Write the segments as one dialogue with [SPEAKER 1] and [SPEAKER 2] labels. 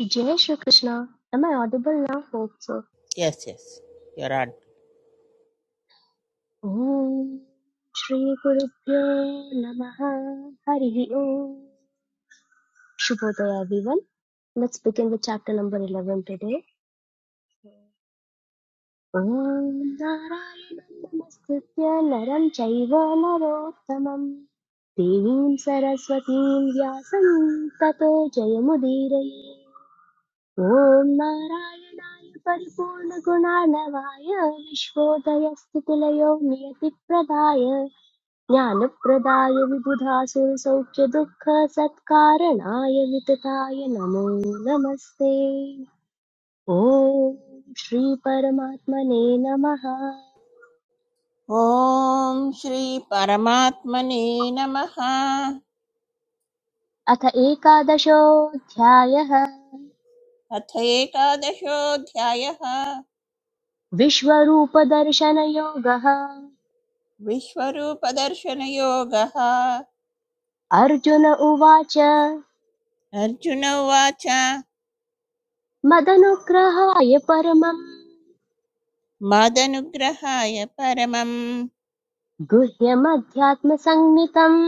[SPEAKER 1] इजेने शुक्रिष्णा, am I audible now folks?
[SPEAKER 2] Yes yes योर आर्ट
[SPEAKER 1] श्री कुरुप्यो नमाहा हरिवियो शुपोतो आभीवन. Let's begin with chapter number 11 today. श्री कुरुप्यो नमाहा हरिवियो शुपोतो आभीवन. शुपोतो आभीवन, let's begin with chapter number 11 today. ॐ नारायणाय परिपूर्णगुणानवाय विश्वोदयस्थितिलयो नियतिप्रदाय ज्ञानप्रदाय विबुधासुरसौख्यदुःखसत्कारणाय वितताय नमो नमस्ते ॐ श्रीपरमात्मने नमः
[SPEAKER 2] ॐ श्री परमात्मने नमः
[SPEAKER 1] अथ एकादशोऽध्यायः
[SPEAKER 2] अथ एकादशोऽध्यायः
[SPEAKER 1] विश्वरूपदर्शनयोगः
[SPEAKER 2] विश्वरूपदर्शनयोगः
[SPEAKER 1] अर्जुन उवाच
[SPEAKER 2] अर्जुन उवाच
[SPEAKER 1] मदनुग्रहाय परमम्
[SPEAKER 2] मदनुग्रहाय परमं
[SPEAKER 1] गुह्यमध्यात्मसंज्ञितम्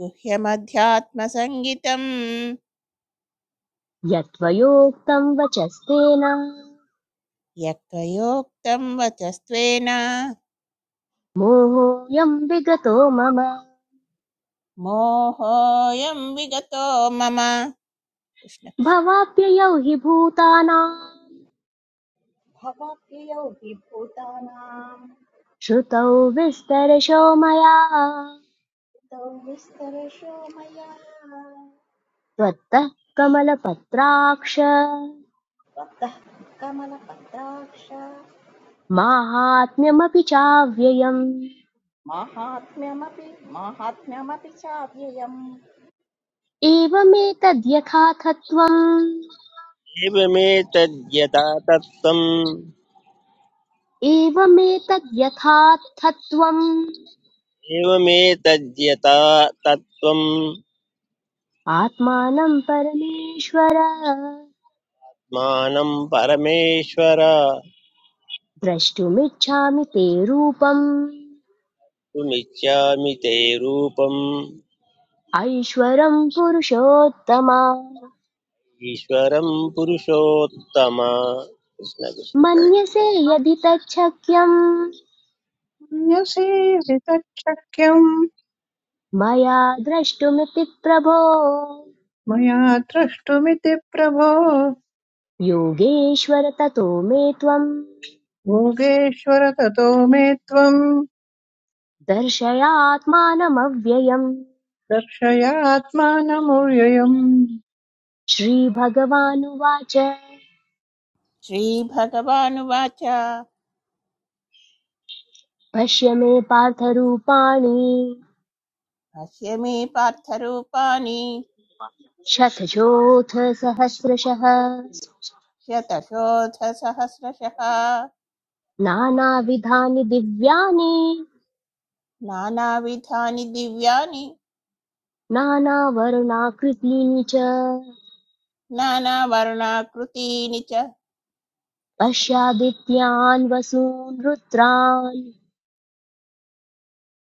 [SPEAKER 2] गुह्यमध्यात्मसङ्गितं
[SPEAKER 1] यत्त्वयोक्तम् वचस्तेन
[SPEAKER 2] यत्त्वयोक्तं वचस्त्वेन
[SPEAKER 1] मोहोऽयम् विगतो मम
[SPEAKER 2] मोहोऽयं विगतो मम कृष्ण
[SPEAKER 1] भवाप्ययौ हि भूतानाम्
[SPEAKER 3] भवप्रियो विभूतानां
[SPEAKER 1] श्रुतौ विस्तरशो मया
[SPEAKER 3] तौ विस्तरशो मया
[SPEAKER 1] त्वत्तः कमलपत्राक्ष
[SPEAKER 3] भक्तः कमलपत्राक्ष
[SPEAKER 1] माहात्म्यमपि चाव्ययम्
[SPEAKER 3] माहात्म्यमपि माहात्म्यमपि चाव्ययम्
[SPEAKER 1] एवमेतद्यथाथत्वम्
[SPEAKER 4] एवमेतद्यथा तत्त्वम्
[SPEAKER 1] एवमेतद्यथाथत्वम्
[SPEAKER 4] एवमेतद्यथा तत्त्वम्
[SPEAKER 1] आत्मानं परमेश्वर
[SPEAKER 4] मानं परमेश्वर
[SPEAKER 1] द्रष्टुमिच्छामि ते रूपम्
[SPEAKER 4] तुमिच्छामि ते रूपम्
[SPEAKER 1] ऐश्वरं पुरुषोत्तम
[SPEAKER 4] ईश्वरं पुरुषोत्तम कृष्ण कृष्ण
[SPEAKER 1] मन्यसे यदि तच्छक्यं
[SPEAKER 5] अन्यसेवितच्छक्यम्
[SPEAKER 1] मया द्रष्टुमिति प्रभो
[SPEAKER 5] मया द्रष्टुमिति प्रभो
[SPEAKER 1] योगेश्वर ततो मे त्वं
[SPEAKER 5] योगेश्वर ततो मे त्वम्
[SPEAKER 1] दर्शयात्मानमव्ययम्
[SPEAKER 5] दर्शयात्मानमव्ययम्
[SPEAKER 1] श्रीभगवानुवाच
[SPEAKER 2] श्रीभगवानुवाच
[SPEAKER 1] पश्य मे पार्थरूपाणि
[SPEAKER 2] भाष्य मे पार्थरूपाणि
[SPEAKER 1] शतशोऽथ सहस्रशः
[SPEAKER 2] शतशोधसहस्रशः
[SPEAKER 1] नानाविधानि दिव्यानि
[SPEAKER 2] नानाविधानि दिव्यानि
[SPEAKER 1] नानावर्णाकृतीनि च
[SPEAKER 2] नानावर्णाकृतीनि च
[SPEAKER 1] पश्यादित्यान् वसून् रुद्रान्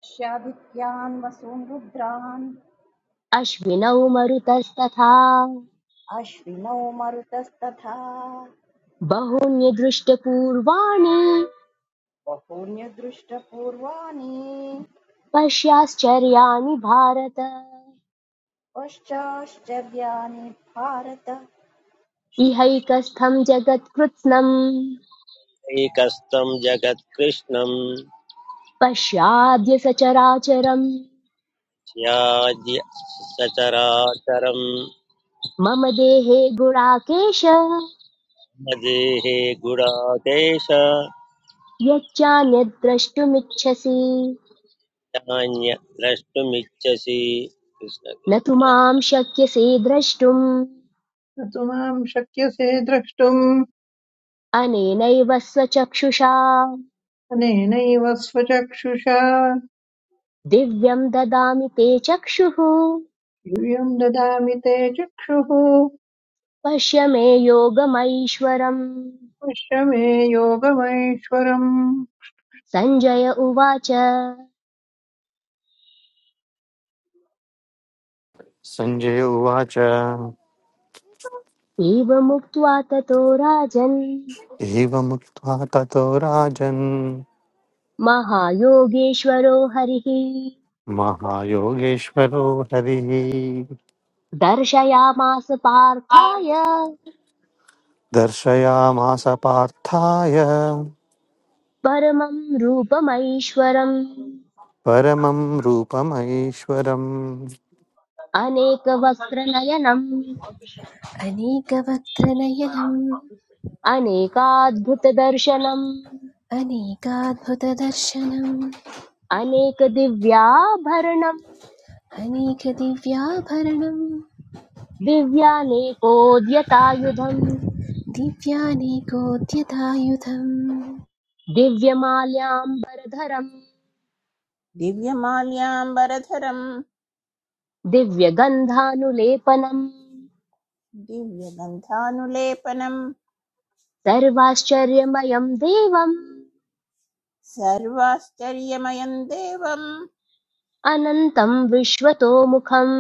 [SPEAKER 3] पश्यादित्यान् वसून् रुद्रान्
[SPEAKER 1] अश्विनौ मरुतस्तथा
[SPEAKER 3] अश्विनौ मरुतस्तथा
[SPEAKER 1] बहूनि दृष्टपूर्वाणि
[SPEAKER 3] बहून्यदृष्टपूर्वाणि
[SPEAKER 1] पश्याश्चर्याणि भारत
[SPEAKER 3] पश्चाश्चर्याणि भारत
[SPEAKER 1] इहैकस्थम् जगत्कृत्स्नम्
[SPEAKER 4] एकस्तं जगत्कृष्णं
[SPEAKER 1] पश्याद्य सचराचरम्
[SPEAKER 4] स्याद्य सचराचरं
[SPEAKER 1] मम देहे गुणाकेश
[SPEAKER 4] मदेहे गुडाकेश
[SPEAKER 1] यच्चान्यद्द्रष्टुमिच्छसि
[SPEAKER 4] चान्य द्रष्टुमिच्छसि कृष्ण
[SPEAKER 1] न तु
[SPEAKER 4] कृष्ण
[SPEAKER 1] मां शक्यसे द्रष्टुम्
[SPEAKER 5] न तु माम् शक्यसे द्रष्टुम्
[SPEAKER 1] अनेनैव स्वचक्षुषा
[SPEAKER 5] अनेनैव स्वचक्षुषा
[SPEAKER 1] दिव्यम् ददामि ते चक्षुः
[SPEAKER 5] यूयम् ददामि ते चक्षुः
[SPEAKER 1] पश्य मे योगमैश्वरम्
[SPEAKER 5] पश्य मे योगमैश्वरम्
[SPEAKER 1] सञ्जय उवाच
[SPEAKER 6] सञ्जय उवाच
[SPEAKER 1] एवमुक्त्वा ततो राजन्
[SPEAKER 6] एवमुक्त्वा ततो राजन्
[SPEAKER 1] महायोगेश्वरो हरिः
[SPEAKER 6] महायोगेश्वरो हरिः
[SPEAKER 1] दर्शयामास पार्थाय
[SPEAKER 6] दर्शयामास पार्थाय
[SPEAKER 1] परमं रूपमैश्वरम्
[SPEAKER 6] परमं रूपमैश्वरम्
[SPEAKER 1] अनेकवक्त्रनयनम्
[SPEAKER 7] अनेकवक्त्रनयनम्
[SPEAKER 1] अनेकाद्भुतदर्शनम्
[SPEAKER 7] अनेकाद्भुतदर्शनम्
[SPEAKER 1] अनेक अनेकदिव्याभरणम्
[SPEAKER 7] अनेकदिव्याभरणम्
[SPEAKER 1] दिव्यानेकोद्यतायुधम्
[SPEAKER 7] दिव्यानेकोद्यतायुधम्
[SPEAKER 1] दिव्यमाल्याम्बरधरम्
[SPEAKER 2] दिव्यमाल्याम्बरधरम्
[SPEAKER 1] दिव्यगन्धानुलेपनम्
[SPEAKER 2] दिव्यगन्धानुलेपनम्
[SPEAKER 1] सर्वाश्चर्यमयम् देवम्
[SPEAKER 2] सर्वाश्चर्यमयम् देवम्
[SPEAKER 1] अनन्तम् विश्वतोमुखम्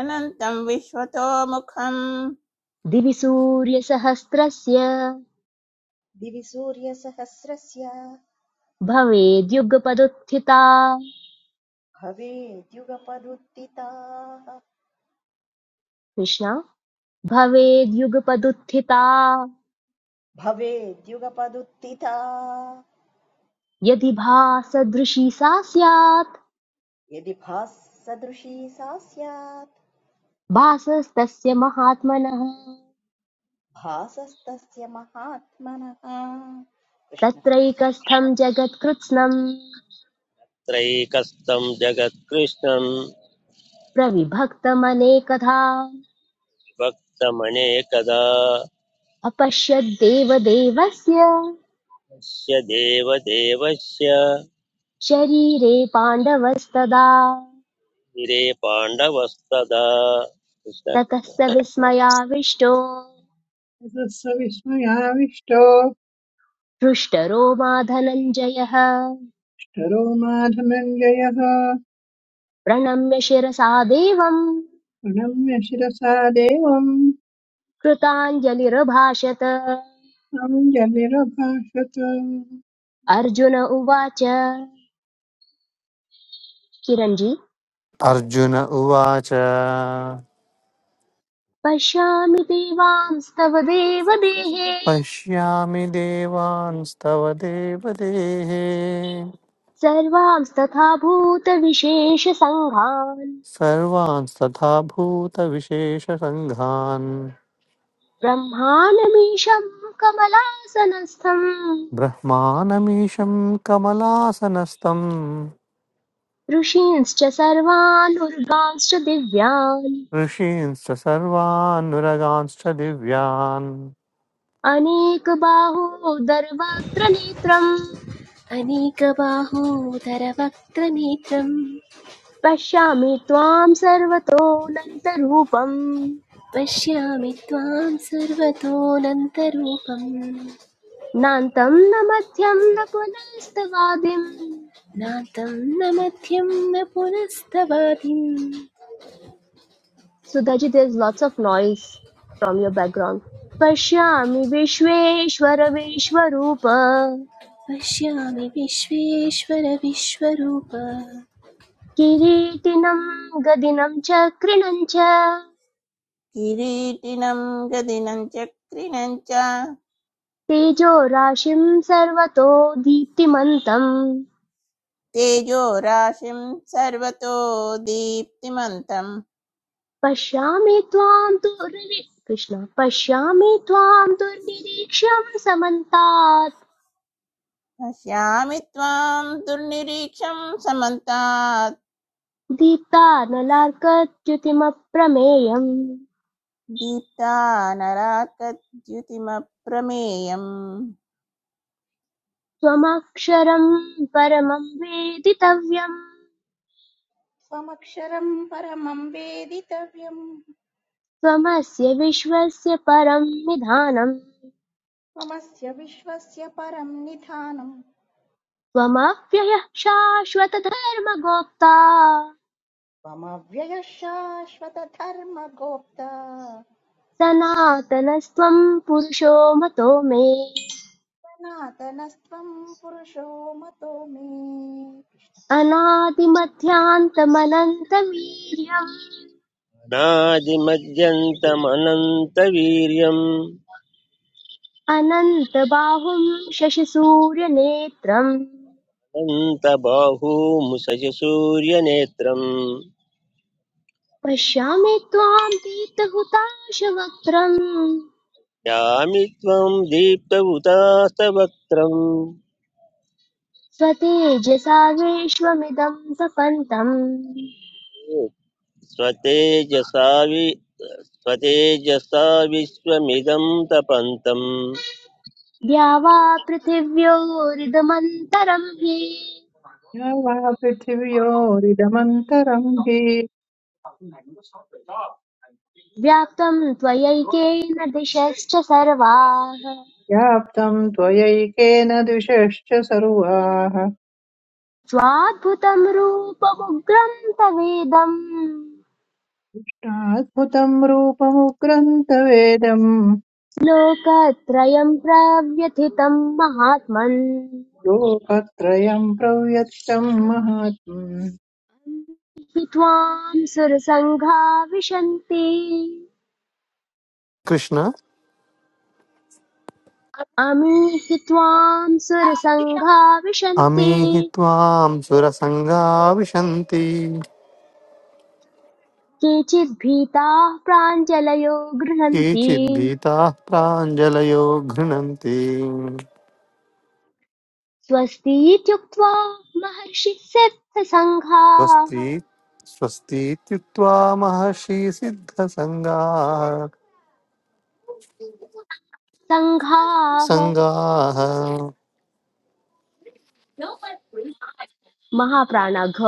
[SPEAKER 2] अनन्तम् विश्वतोमुखम्
[SPEAKER 1] दिवि सूर्यसहस्रस्य
[SPEAKER 3] दिवि सूर्यसहस्रस्य
[SPEAKER 1] भवेद्युगपदुत्थिता
[SPEAKER 3] भवेद्युगपदुत्थिताः
[SPEAKER 1] कृष्ण भवेद्युगपदुत्थिता
[SPEAKER 3] भवेद्युगपदुत्थिता
[SPEAKER 1] यदि भासदृशी सा स्यात्
[SPEAKER 3] यदि भाससदृशी सा स्यात्
[SPEAKER 1] भासस्तस्य महात्मनः
[SPEAKER 3] भासस्तस्य महात्मनः कृष्ण कृष्ण
[SPEAKER 1] तत्रैकस्थं जगत्कृत्स्नं
[SPEAKER 4] त्रैकस्थं जगत्कृष्णं
[SPEAKER 1] प्रविभक्तमनेकधा
[SPEAKER 4] भक्तमनेकदा
[SPEAKER 1] अपश्यद्देवदेवस्य
[SPEAKER 4] यस्य देवदेवस्य
[SPEAKER 1] शरीरे पाण्डवस्तदा
[SPEAKER 4] गिरे पाण्डवस्तदा कृष्ण
[SPEAKER 1] ततः
[SPEAKER 4] कृष्ण।
[SPEAKER 1] स विस्मयाविष्टो
[SPEAKER 5] ततः स विस्मयाविष्टो
[SPEAKER 1] हृष्टरो मा धनञ्जयः
[SPEAKER 5] अष्टरो मा धनञ्जयः
[SPEAKER 1] प्रणम्य शिरसा देवम्
[SPEAKER 5] प्रणम्य शिरसा देवम्
[SPEAKER 1] कृताञ्जलिरभाषत
[SPEAKER 5] साङ्गनिरभाषत
[SPEAKER 1] अर्जुन उवाच किरञ्जी
[SPEAKER 6] अर्जुन उवाच
[SPEAKER 1] पश्यामि देवांस्तव देवदेहे
[SPEAKER 6] पश्यामि देवांस्तव देवदेः
[SPEAKER 1] सर्वांस्तथा भूतविशेषसङ्घान्
[SPEAKER 6] सर्वांस्तथा भूतविशेषसङ्घान्
[SPEAKER 1] ब्रह्माणमीशं कमलासनस्थं
[SPEAKER 6] ब्रह्मानमीशं कमलासनस्तम्
[SPEAKER 1] ऋषींश्च सर्वानुर्गांश्च दिव्यान्
[SPEAKER 6] ऋषींश्च सर्वानुरगांश्च दिव्यान्
[SPEAKER 1] अनेकबाहोदर्वत्र नेत्रम्
[SPEAKER 7] अनेकबाहोदरवक्त्रनेत्रम्
[SPEAKER 1] पश्यामि त्वां सर्वतोऽनन्तरूपम्
[SPEAKER 7] पश्यामि त्वां सर्वतोऽनन्तरूपम्
[SPEAKER 1] नान्तं न मध्यं न पुनस्तवादिम्
[SPEAKER 7] नान्तं न मध्यं न पुनस्तवादिम्
[SPEAKER 1] Sudaji, there's lots of noise from your background. पश्यामि विश्वेश्वर विश्वरूप
[SPEAKER 7] पश्यामि विश्वेश्वर विश्वरूप
[SPEAKER 1] किरीटिनं गदिनं च कृणं च
[SPEAKER 2] किरीटिनम् गदिनम् चक्रिणम् च
[SPEAKER 1] तेजो राशिं सर्वतो दीप्तिमन्तम्
[SPEAKER 2] तेजो सर्वतो दीप्तिमन्तम्
[SPEAKER 1] पश्यामि त्वां दुर्नि कृष्ण पश्यामि त्वां दुर्निरीक्ष्यं समन्तात्
[SPEAKER 2] पश्यामि त्वाम् दुर्निरीक्षम् समन्तात्
[SPEAKER 1] दीप्तानलार्कच्युतिमप्रमेयम्
[SPEAKER 2] दीप्तानराकद्युतिमप्रमेयम्
[SPEAKER 1] त्वमक्षरं परमं वेदितव्यम्
[SPEAKER 3] त्वमक्षरम् परमम् वेदितव्यम्
[SPEAKER 1] त्वमस्य विश्वस्य परं निधानम्
[SPEAKER 3] त्वमस्य विश्वस्य परम् निधानम्
[SPEAKER 1] त्वमव्ययः शाश्वतधर्मगोप्ता
[SPEAKER 3] त्वमव्ययः शाश्वतधर्मगोप्ता
[SPEAKER 1] सनातनस्त्वं पुरुषो मतो मे
[SPEAKER 3] सनातनस्त्वम् पुरुषो मतो मे
[SPEAKER 1] अनादिमध्यान्तमनन्तवीर्यम्
[SPEAKER 4] अनादिमद्यन्तमनन्तवीर्यम्
[SPEAKER 1] अनन्तबाहुं शशिसूर्यनेत्रम्
[SPEAKER 4] अनन्तबाहूमुसजसूर्यनेत्रम्
[SPEAKER 1] पश्यामि त्वां पीतहुताशवक्त्रम्
[SPEAKER 4] यामि त्वं दीप्तउतास्तवक्त्रम्
[SPEAKER 1] स्वतेजसा विश्वमिदं तपन्तम्
[SPEAKER 4] स्वतेजसा स्वतेजसा विश्वमिदं तपन्तम्
[SPEAKER 1] द्यावा पृथिव्योरिदमन्तरं हि
[SPEAKER 5] या वा पृथिव्योरिदमन्तरं हि
[SPEAKER 1] व्याप्तं त्वयैकेन दिशश्च सर्वाः
[SPEAKER 5] व्याप्तं त्वयैकेन द्विषश्च सर्वाः
[SPEAKER 1] स्वाद्भुतं रूपमुग्रं तवेदम्
[SPEAKER 5] अद्भुतं रूपमुग्रन्तवेदम्
[SPEAKER 1] लोकत्रयं प्रव्यथितं महात्मन्
[SPEAKER 5] लोकत्रयं प्रव्यक्तं महात्मन्
[SPEAKER 1] हि त्वां सुरसङ्घा विशन्ति
[SPEAKER 6] कृष्ण
[SPEAKER 1] अमीहि त्वां सुरसङ्घा विशन्ति
[SPEAKER 6] अमीहि त्वां सुरसङ्गा विशन्ति
[SPEAKER 1] केचिद्भीताः प्राञ्जलयो गृह्णन्ति
[SPEAKER 6] केचिद्भीताः प्राञ्जलयो घृणन्ति
[SPEAKER 1] स्वस्तीत्युक्त्वा महर्षिसिद्धसङ्घाः
[SPEAKER 6] स्वस्ति स्वस्तीत्युक्त्वा महर्षि सिद्धसङ्गाः
[SPEAKER 1] सङ्घाः
[SPEAKER 6] सङ्गाः
[SPEAKER 1] महाप्राणाघ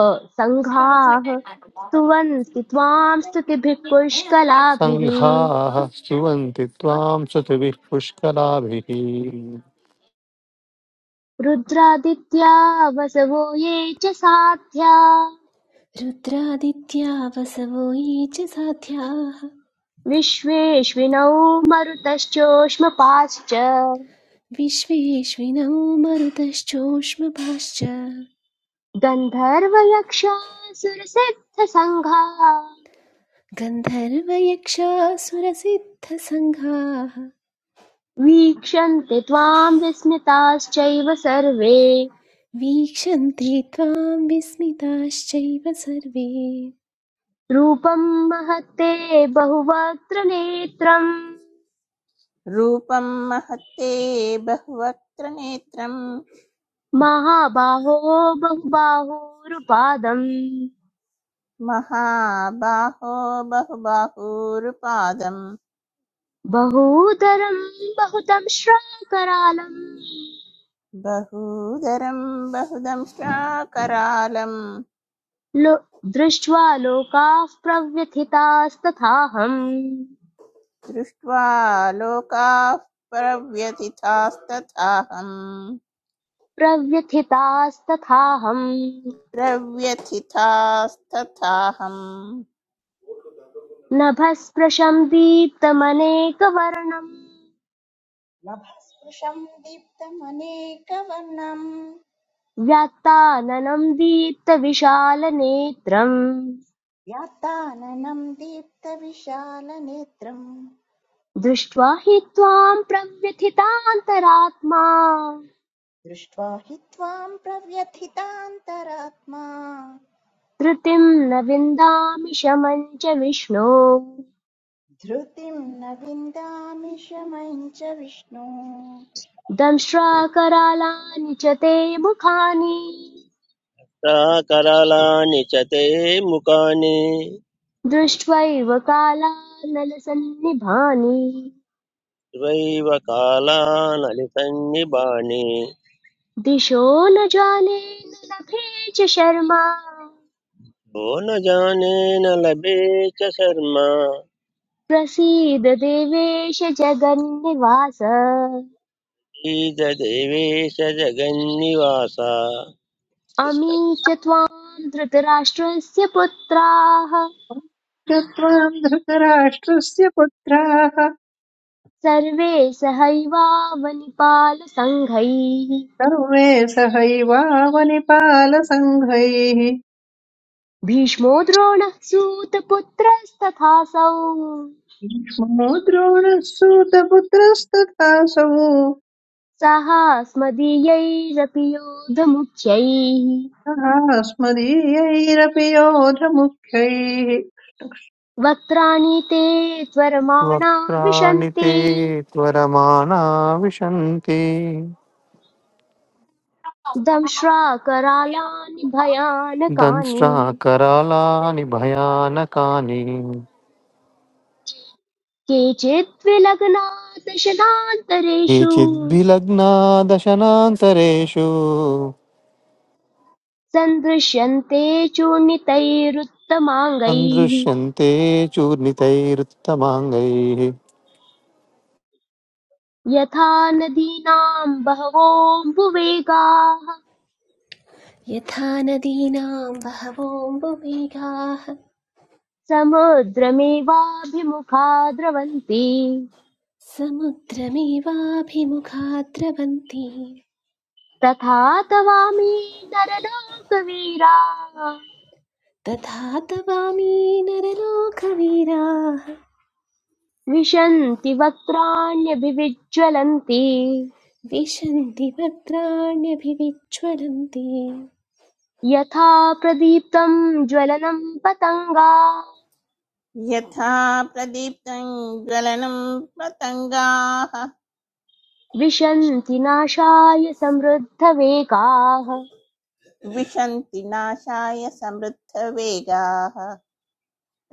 [SPEAKER 1] सङ्घाः स्तुवन्ति त्वां स्तुतिभिः पुष्कलाभिः
[SPEAKER 6] सङ्घाः स्तुवन्ति त्वां श्रुतिभिः पुष्कराभिः
[SPEAKER 1] रुद्रादित्या वसवो ये च साध्या
[SPEAKER 7] रुद्रादित्या वसवो ये च साध्याः
[SPEAKER 1] विश्वेश्विनौ मरुतश्चोष्मपाश्च
[SPEAKER 7] विश्वेश्विनौ मरुतश्चोष्मपाश्च
[SPEAKER 1] गन्धर्वयक्षासुरसिद्धसङ्घा
[SPEAKER 7] गन्धर्वयक्षासुरसिद्धसङ्घाः
[SPEAKER 1] वीक्षन्ते त्वां विस्मिताश्चैव सर्वे
[SPEAKER 7] वीक्षन्ते त्वां विस्मिताश्चैव सर्वे
[SPEAKER 1] रूपं महत्ते बहुवक्त्रनेत्रम्
[SPEAKER 2] रूपं महत्ते बहुवक्त्र नेत्रम्
[SPEAKER 1] महाबाहो बहुबाहुरुपादम्
[SPEAKER 2] महाबाहो बहुबाहूरुपादम्
[SPEAKER 1] बहूतरं बहुतं श्राकरालम्
[SPEAKER 2] बहूदरम् बहुदंष्ट्राकरालम्
[SPEAKER 1] लो दृष्ट्वा लोकाः प्रव्यथितास्तथाहम्
[SPEAKER 2] दृष्ट्वा लोकाः प्रव्यथितास्तथाहम्
[SPEAKER 1] प्रव्यथितास्तथाहम्
[SPEAKER 2] प्रव्यथितास्तथाहम्
[SPEAKER 1] नभस्पृशं दीप्तमनेकवर्णम्
[SPEAKER 3] कृष्णभस्पृशम् दीप्तमनेकवर्णम्
[SPEAKER 1] व्याक्ताननं दीप्तविशालनेत्रम्
[SPEAKER 3] व्याप्ताननं दीप्तविशालनेत्रम्
[SPEAKER 1] दृष्ट्वा हि त्वां प्रव्यथितान्तरात्मा
[SPEAKER 3] दृष्ट्वा हि त्वां प्रव्यथितान्तरात्मा
[SPEAKER 1] धृतिं न विन्दामि शमं च विष्णो
[SPEAKER 3] धृतिं न विन्दामि शमं च विष्णु
[SPEAKER 1] दंष्ट्राकरालानि च ते मुखानि
[SPEAKER 4] करालानि च ते मुखानि
[SPEAKER 1] दृष्ट्वैव कालानलसन्निभानि
[SPEAKER 4] त्वैव कालानलिसन्निबाणि
[SPEAKER 1] दिशो न जाने न लभे च शर्मा
[SPEAKER 4] भो न जाने न लभे च शर्मा
[SPEAKER 1] प्रसीद देवेश जगन्निवास
[SPEAKER 4] ईददेवेश जगन्निवास
[SPEAKER 1] अमी च त्वां धृतराष्ट्रस्य पुत्राः
[SPEAKER 5] चत्वां धृतराष्ट्रस्य पुत्राः
[SPEAKER 1] सर्वे सहैवावनिपालसङ्घैः
[SPEAKER 5] सर्वे सहैवावनिपालसङ्घैः
[SPEAKER 1] भीष्मो द्रोणः सूतपुत्रस्तथासौ
[SPEAKER 5] भीष्मो द्रोणः सूतपुत्रस्तथासौ
[SPEAKER 1] साहास्मदीयैरपि योधमुख्यैः
[SPEAKER 5] तथा स्मदीयैरपि योधमुख्यैः
[SPEAKER 1] वक्त्राणि ते त्वरमाणा
[SPEAKER 6] वक्त्राणि
[SPEAKER 1] विशन्ति
[SPEAKER 6] ते त्वरमाणा विशन्ति
[SPEAKER 1] दंश्राकरालानि भयानकानि
[SPEAKER 6] दंष्ट्राकरालानि भयानकानि
[SPEAKER 1] केचित् विलग्नात् शनान्तरेषु
[SPEAKER 6] केचिद्विलग्ना दशनान्तरेषु
[SPEAKER 1] सन्दृश्यन्ते चूर्णितैरुत्तमाङ्गैः
[SPEAKER 6] सन्दृश्यन्ते चूर्णितैरुत्तमाङ्गैः
[SPEAKER 1] यथा नदीनां बहवोऽम्बुवेगाः
[SPEAKER 7] यथा नदीनां बहवोऽम्बुवेगाः
[SPEAKER 1] समुद्रमेवाभिमुखा द्रवन्ति
[SPEAKER 7] समुद्रमेवाभिमुखा द्रवन्ति
[SPEAKER 1] तथा तवामि नरलोकवीराः
[SPEAKER 7] तथा तवामी नरलोकवीराः
[SPEAKER 1] विशन्ति वक्त्राण्यभिविज्ज्वलन्ति
[SPEAKER 7] विशन्ति वक्त्राण्यभिविज्ज्वलन्ति
[SPEAKER 1] यथा प्रदीप्तं ज्वलनं पतङ्गा
[SPEAKER 2] यथा प्रदीप्तं ज्वलनं पतङ्गाः
[SPEAKER 1] विशन्ति नाशाय समृद्धवेगाः
[SPEAKER 2] विशन्ति नाशाय समृद्धवेगाः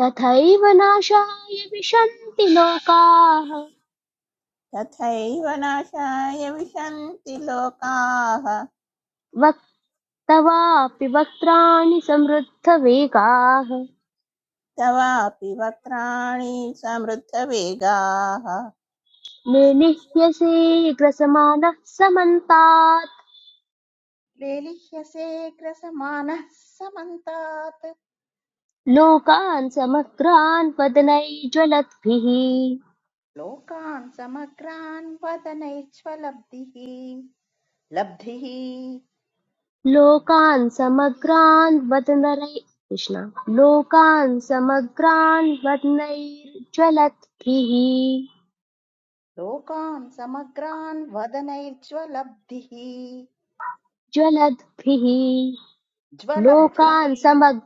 [SPEAKER 1] तथैव नाशाय विशन्ति लोकाः
[SPEAKER 2] तथैव नाशाय विशन्ति लोकाः
[SPEAKER 1] तवापि वक्त्राणि समृद्धवेगाः
[SPEAKER 2] तवापि वक्त्राणि समृद्धवेगाः
[SPEAKER 1] निनिह्यसे ग्रसमानः समन्तात्
[SPEAKER 3] लेलिह्यसे ग्रसमानः समन्तात्
[SPEAKER 1] लोकान् समग्रान् वदनैज्वलद्भिः
[SPEAKER 3] लोकान् समग्रान् वदनैर्ज्वलब्धिः लब्धिः
[SPEAKER 1] लोकान् समग्रान् वदनरै कृष्ण लोकान् समग्रान् वदनैर्ज्वलद्भिः
[SPEAKER 3] लोकान् समग्रान् वदनैर्ज्वलब्धिः
[SPEAKER 1] ज्वलद्भिः
[SPEAKER 3] ज्वलब्धिः
[SPEAKER 1] लोकान् समग्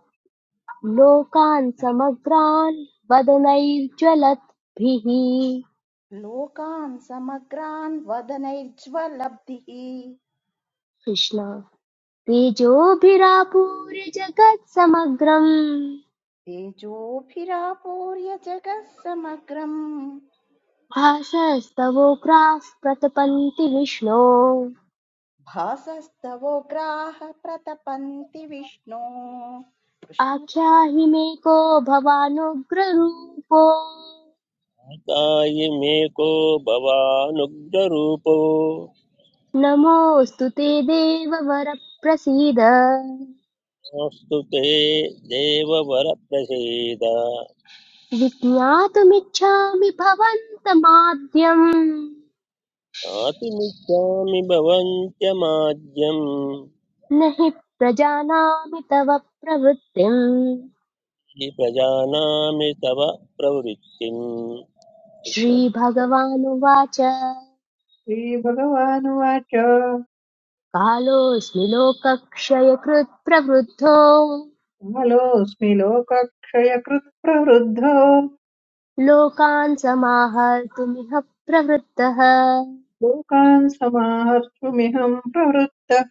[SPEAKER 1] लोकान् समग्रान् वदनैर्ज्वलद्भिः
[SPEAKER 3] लोकान् समग्रान् वदनैर्ज्वलब्धिः
[SPEAKER 1] कृष्ण तेजोभिरापूर्य जगत् समग्रम्
[SPEAKER 3] तेजोभिरापूर्य जगः समग्रम्
[SPEAKER 1] भासस्तवोग्राः प्रतपन्ति विष्णो
[SPEAKER 3] भासस्तवोग्राः प्रतपन्ति विष्णो कृष्ण कृष्ण
[SPEAKER 1] आख्याहि मे को भवानुग्ररूपो
[SPEAKER 4] कायिमेको भवानुग्धरूपो
[SPEAKER 1] नमोऽस्तु ते देववर प्रसीद
[SPEAKER 4] मास्तु ते देववरप्रसीद
[SPEAKER 1] विज्ञातुमिच्छामि भवन्तमाद्यम्
[SPEAKER 4] ज्ञातुमिच्छामि भवन्त्यमाद्यम्
[SPEAKER 1] न हि प्रजानामि तव प्रवृत्तिम्
[SPEAKER 4] प्रजानामि तव प्रवृत्तिम्
[SPEAKER 1] श्रीभगवानुवाच
[SPEAKER 5] श्रीभगवानुवाच
[SPEAKER 1] कालोऽस्मि लोकक्षयकृत् प्रवृद्धो
[SPEAKER 5] कालोऽस्मि लोकक्षयकृत् प्रवृद्धो
[SPEAKER 1] लोकान् समाहर्तुमिह प्रवृत्तः
[SPEAKER 5] लोकान् समाहर्तुमिहं प्रवृत्तः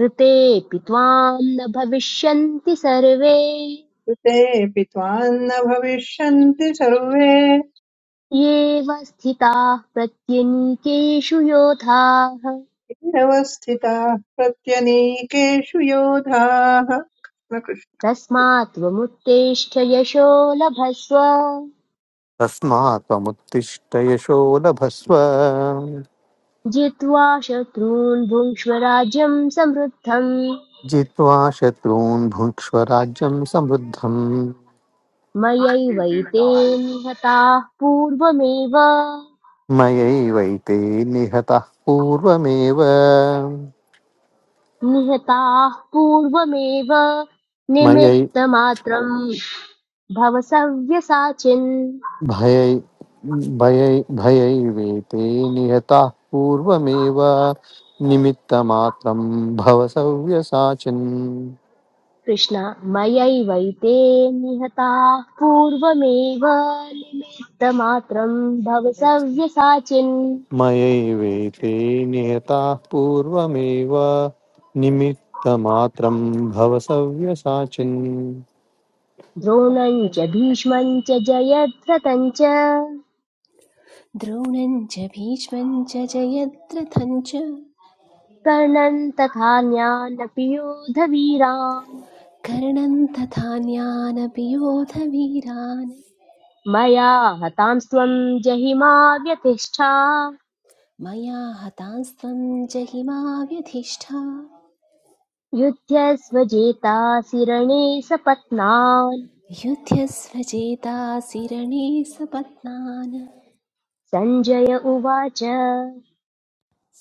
[SPEAKER 1] ऋतेऽपि त्वां न भविष्यन्ति सर्वे
[SPEAKER 5] कृतेऽपि त्वान्न भविष्यन्ति सर्वे
[SPEAKER 1] येव स्थिताः प्रत्यनीकेषु योधाः
[SPEAKER 5] निरवस्थिताः प्रत्यनीकेषु योधाः कृष्णकृष्ण
[SPEAKER 1] तस्मात् त्वमुत्तिष्ठ यशो लभस्व
[SPEAKER 6] तस्मात् त्वमुत्तिष्ठ यशो लभस्व
[SPEAKER 1] जित्वा शत्रून् भुङ्क्ष्व राज्यम् समृद्धम्
[SPEAKER 6] जित्वा शत्रून् भुङ्क्ष्व राज्यं समृद्धम्
[SPEAKER 1] मयैवैते निहताः पूर्वमेव
[SPEAKER 6] मयैवैते निहतः पूर्वमेव
[SPEAKER 1] निहताः पूर्वमेव
[SPEAKER 6] मयै
[SPEAKER 1] निमित्तमात्रं भव सव्यसाचिन्
[SPEAKER 6] भयै भयै भयैवेते निहताः पूर्वमेव निमित्तमात्रं भव सव्यसाचिन्
[SPEAKER 1] कृष्ण मयैवैते निहताः पूर्वमेव निमित्तमात्रं भव सव्यसाचिन्
[SPEAKER 6] मयैवेते निहताः पूर्वमेव निमित्तमात्रं भव सव्यसाचिन्
[SPEAKER 1] द्रोणं च भीष्मं च जयद्रथं च
[SPEAKER 7] द्रोणं च भीष्मं च जयद्रथं च
[SPEAKER 1] कर्णं तथान्यानपि योधवीरान्
[SPEAKER 7] कर्णं तथान्यानपि योधवीरान्
[SPEAKER 1] मया हतांस्त्वं जहिमा व्यतिष्ठा
[SPEAKER 7] मया हतांस्त्वं जहि मा व्यधिष्ठा
[SPEAKER 1] युध्य स्वजेतासि रणे सपत्नान्
[SPEAKER 7] युध्यस्व चेतासि रणे सपत्नान्
[SPEAKER 1] सञ्जय उवाच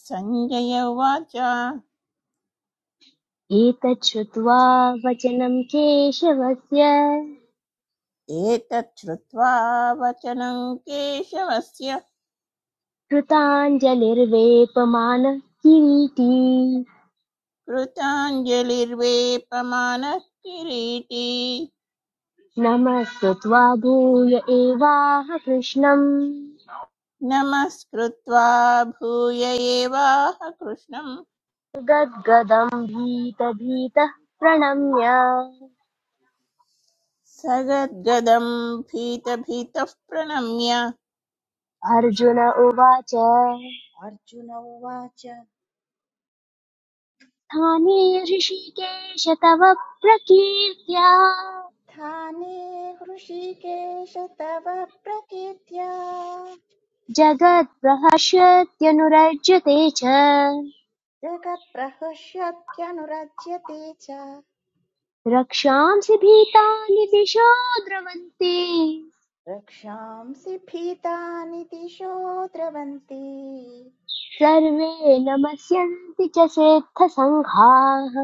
[SPEAKER 2] सञ्जय उवाच
[SPEAKER 1] एतच्छ्रुत्वा वचनं केशवस्य
[SPEAKER 2] एतच्छ्रुत्वा वचनं केशवस्य
[SPEAKER 1] कृताञ्जलिर्वेपमानः किरीटी
[SPEAKER 2] कृताञ्जलिर्वेपमानः किरीटी
[SPEAKER 1] नमस्कृत्वा भूय एवाह कृष्णम्
[SPEAKER 2] नमस्कृत्वा भूय एवाह कृष्णम्
[SPEAKER 1] गद्गदम् भीतभीतः प्रणम्य
[SPEAKER 2] सगद्गदम् भीतभीतः प्रणम्य
[SPEAKER 1] अर्जुन उवाच
[SPEAKER 3] अर्जुन उवाच
[SPEAKER 1] स्थाने ऋषिकेश तव प्रकीर्त्या
[SPEAKER 3] स्थाने हृषीकेश तव प्रकीर्त्या
[SPEAKER 1] जगत्प्रहर्षत्यनुरज्यते च
[SPEAKER 3] जगत्प्रहृष्यत्यनुरज्यते च
[SPEAKER 1] रक्षांसि भीतानि दिशो द्रवन्ति
[SPEAKER 3] रक्षांसि भीतानि दिशो द्रवन्ति
[SPEAKER 1] सर्वे नमस्यन्ति च सेत्थसङ्घाः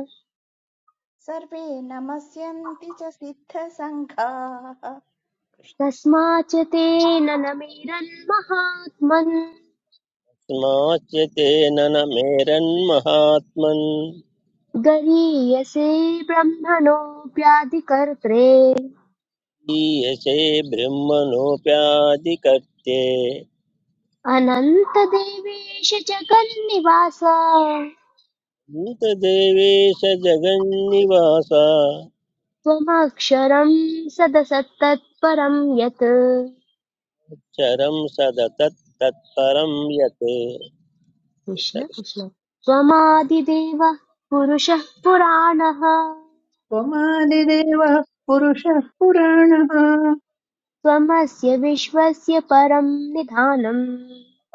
[SPEAKER 3] सर्वे नमस्यन्ति च सिद्धसङ्घाः कृष्ण
[SPEAKER 1] कस्माच्च तेन न महात्मन्
[SPEAKER 4] कृष्णस्माच्य तेन न मेरन्महात्मन्
[SPEAKER 1] गरीयसे ब्रह्मणोऽप्यादिकर्त्रे
[SPEAKER 4] ईयसे ब्रह्मणोऽप्यादिकर्ते
[SPEAKER 1] अनन्तदेवेश जगन्निवास
[SPEAKER 4] भूतदेवेश जगन्निवास
[SPEAKER 1] त्वमक्षरं सदसत्तत्परं यत्
[SPEAKER 4] चरं सदतत् तत्परं यत्
[SPEAKER 1] कृष्ण कृष्ण त्वमादिदेवः पुरुषः पुराणः
[SPEAKER 5] त्वमादिदेवः पुरुषः पुराणः
[SPEAKER 1] त्वमस्य विश्वस्य परं निधानम्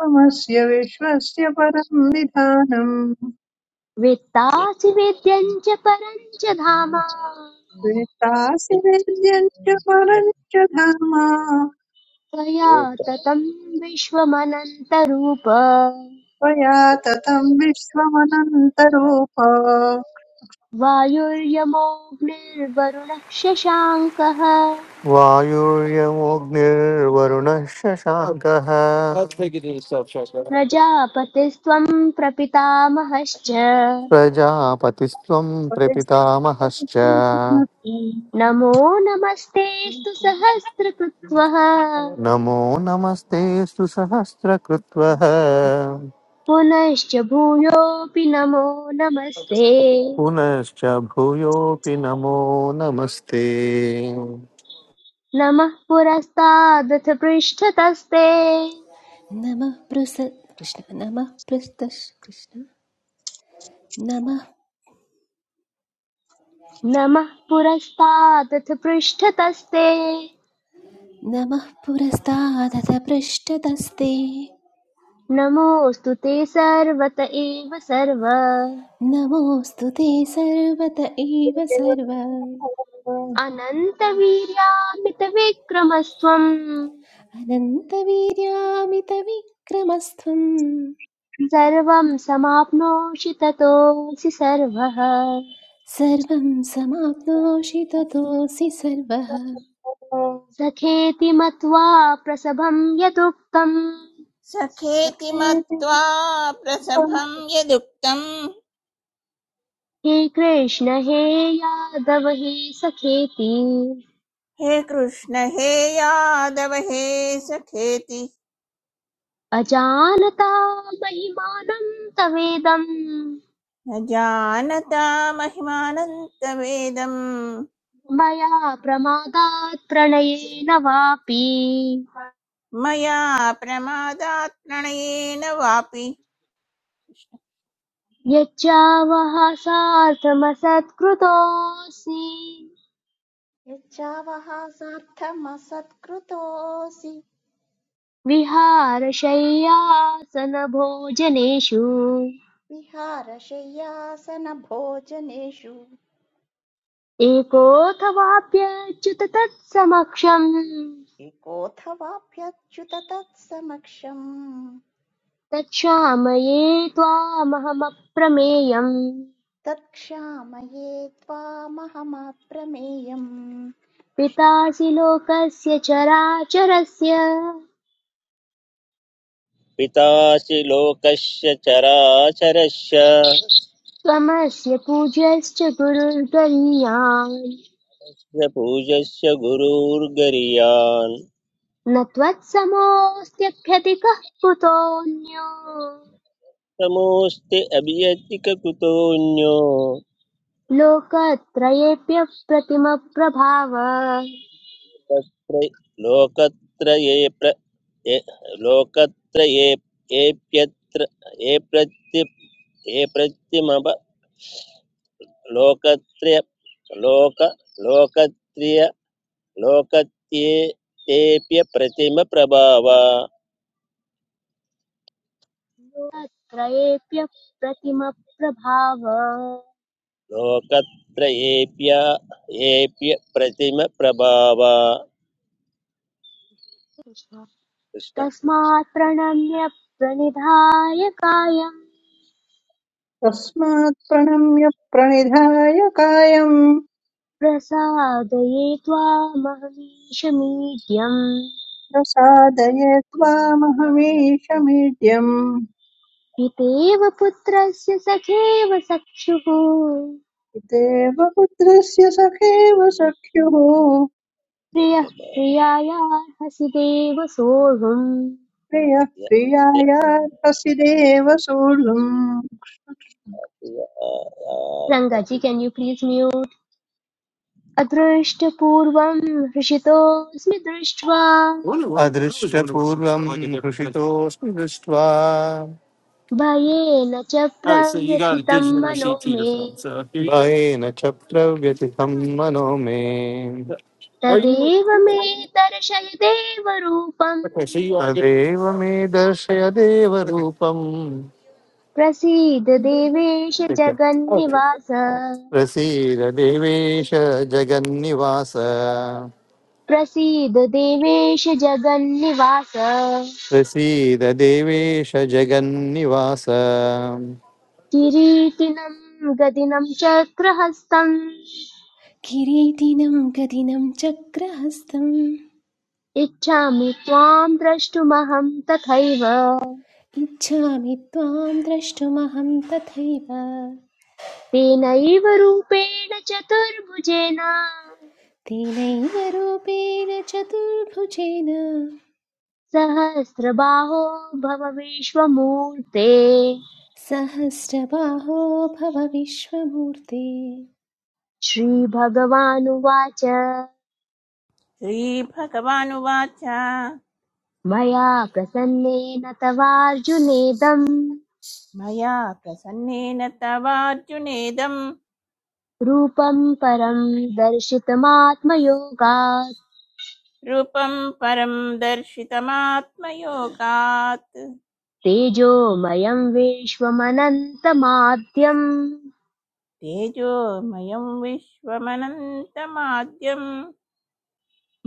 [SPEAKER 5] त्वमस्य विश्वस्य परं विधानम्
[SPEAKER 4] कृष्णकृष्ण
[SPEAKER 1] वेत्तासि वेद्यम् च परं च धाम
[SPEAKER 5] वित्तासि वेद्यम् च परम् च धाम
[SPEAKER 1] त्वया ततं विश्वमनन्तरूप
[SPEAKER 5] त्वया ततम् विश्वमनन्तरूप
[SPEAKER 1] वायुर्यमोऽग्निर्वरुणः शशाङ्कः
[SPEAKER 6] वायुर्यमोऽग्निर्वरुणः शशाङ्कः
[SPEAKER 1] प्रजापतिस्त्वं प्रपितामहश्च
[SPEAKER 6] प्रजापतिस्त्वं प्रपितामहश्च
[SPEAKER 1] नमो नमस्तेऽस्तु सहस्रकृत्वः
[SPEAKER 6] नमो नमस्ते सुसहस्रकृत्वः
[SPEAKER 1] पुनश्च भूयोऽपि नमो नमस्ते
[SPEAKER 6] पुनश्च भूयोऽपि नमो नमस्ते
[SPEAKER 1] नमः पुरस्तादथ पृष्ठतस्ते
[SPEAKER 7] नमः पृस कृष्ण नमः पृष्ट कृष्ण नमः
[SPEAKER 1] नमः पुरस्तादथ पृष्ठतस्ते
[SPEAKER 7] नमः पुरस्तादथ पृष्ठतस्ते
[SPEAKER 1] नमोऽस्तु ते सर्वत एव सर्व
[SPEAKER 7] नमोऽस्तु ते सर्वत एव सर्व
[SPEAKER 1] अनन्तवीर्यामितविक्रमस्त्वम्
[SPEAKER 7] अनन्तवीर्यामितविक्रमस्त्वं
[SPEAKER 1] सर्वं समाप्नोषि ततोऽसि सर्वः
[SPEAKER 7] सर्वं समाप्नोषि ततोऽसि सर्वः
[SPEAKER 1] सखेति मत्वा प्रसभं यदुक्तम्
[SPEAKER 2] सखेति
[SPEAKER 5] सखेति
[SPEAKER 2] मत्वा
[SPEAKER 5] मुक्तम्
[SPEAKER 2] प्रसभं यदुक्तम्
[SPEAKER 1] हे कृष्ण हे यादव हे सखेति
[SPEAKER 2] हे कृष्ण हे यादव हे सखेति
[SPEAKER 1] अजानता महिमानं तवेदं
[SPEAKER 2] न जानता महिमानन्तवेदम्
[SPEAKER 1] मया प्रमादात् प्रणयेन वापि
[SPEAKER 2] मया प्रमादात् प्रणयेन वापि
[SPEAKER 1] यच्चावः सार्थमसत्कृतोऽसि
[SPEAKER 3] यच्चावः सार्थमसत्कृतोऽसि
[SPEAKER 1] विहारशय्यासनभोजनेषु
[SPEAKER 3] विहारशय्यासनभोजनेषु
[SPEAKER 1] एकोऽथवाप्यच्युत तत्समक्षम्
[SPEAKER 3] एकोऽथवाप्यच्युत तत्समक्षम्
[SPEAKER 1] तच्छामये त्वामहमप्रमेयम्
[SPEAKER 3] तत्क्षामये त्वामहमप्रमेयम् कृष्ण
[SPEAKER 1] पितासि लोकस्य चराचरस्य
[SPEAKER 4] पितासि लोकस्य चराचरस्य
[SPEAKER 1] त्वमस्य पूज्यश्च गुरुर्गरीयान्
[SPEAKER 4] स पूजस्य गुरुर्गरीयान्
[SPEAKER 1] न त्वत्समोऽस्त्यभ्यति कः कुतोऽन्यो
[SPEAKER 4] समोऽस्ति अभियतिककुतोऽन्यो
[SPEAKER 1] लोकत्रयेऽप्यप्रतिमप्रभाव
[SPEAKER 4] तत्र लोकत्रये प्र ये- लोकत्रये एप्यत्र एप्रत्य एप्रत्यमव लोकत्रय लोक लोकत्रिय लोकत्ये तेऽप्य प्रतिमप्रभाव
[SPEAKER 1] लोकत्रयेऽप्यप्रतिमप्रभाव
[SPEAKER 4] लोकत्रयेऽप्य एप्य प्रतिमप्रभाव कृष्ण
[SPEAKER 1] तस्मात् प्रणम्य प्रणिधाय कायम्
[SPEAKER 5] तस्मात् प्रणम्य प्रणिधाय कायम्
[SPEAKER 1] प्रसादये त्वामहमीशमीड्यम्
[SPEAKER 5] प्रसादये त्वामहमीशमीड्यम्
[SPEAKER 1] पितेव पुत्रस्य सखेव सख्युः
[SPEAKER 5] देवपुत्रस्य सखेव सख्युः
[SPEAKER 1] प्रियः प्रियायार्हसि देव सोढुम्
[SPEAKER 5] प्रियः
[SPEAKER 4] य- य-
[SPEAKER 5] प्रियायार्हसि देव सोढुम्
[SPEAKER 4] य- आ-
[SPEAKER 1] रङ्गाजी
[SPEAKER 4] आ-
[SPEAKER 1] केन् यू प्लीज म्यूट् अदृष्टपूर्वं हृषितोऽस्मि दृष्ट्वा
[SPEAKER 6] अदृश्यपूर्वं हृषितोऽस्मि दृष्ट्वा
[SPEAKER 1] भयेन च प्रव्यथितं मनो मे
[SPEAKER 6] भयेन च प्रव्यथितं मनो मे
[SPEAKER 1] तदेव मे दर्शय देवरूपम्
[SPEAKER 6] तदेव मे दर्शय देवरूपम्
[SPEAKER 1] प्रसीद देवेश जगन्निवास
[SPEAKER 6] प्रसीद देवेश जगन्निवास
[SPEAKER 1] प्रसीद देवेश जगन्निवास
[SPEAKER 6] प्रसीद देवेश जगन्निवास
[SPEAKER 1] किरीटिनम् गदिनं चक्रहस्तं।
[SPEAKER 7] किरीटिनं गदिनं चक्रहस्तम्
[SPEAKER 1] इच्छामि त्वाम् द्रष्टुमहं तथैव
[SPEAKER 7] इच्छामि त्वां द्रष्टुमहं तथैव
[SPEAKER 1] तेनैव रूपेण चतुर्भुजेन
[SPEAKER 7] तेनैव रूपेण चतुर्भुजेन
[SPEAKER 1] सहस्रबाहो भव विश्वमूर्ते
[SPEAKER 7] सहस्रबाहो भव विश्वमूर्ते
[SPEAKER 1] श्रीभगवानुवाच
[SPEAKER 2] श्रीभगवानुवाच
[SPEAKER 1] मया प्रसन्नेन तवार्जुनेदम्
[SPEAKER 2] मया प्रसन्नेन तवार्जुनेदं
[SPEAKER 1] रूपम् परम् दर्शितमात्मयोगात्
[SPEAKER 2] रूपं परं दर्शितमात्मयोगात्
[SPEAKER 1] तेजोमयं विश्वमनन्तमाद्यं
[SPEAKER 2] तेजोमयं विश्वमनन्तमाद्यं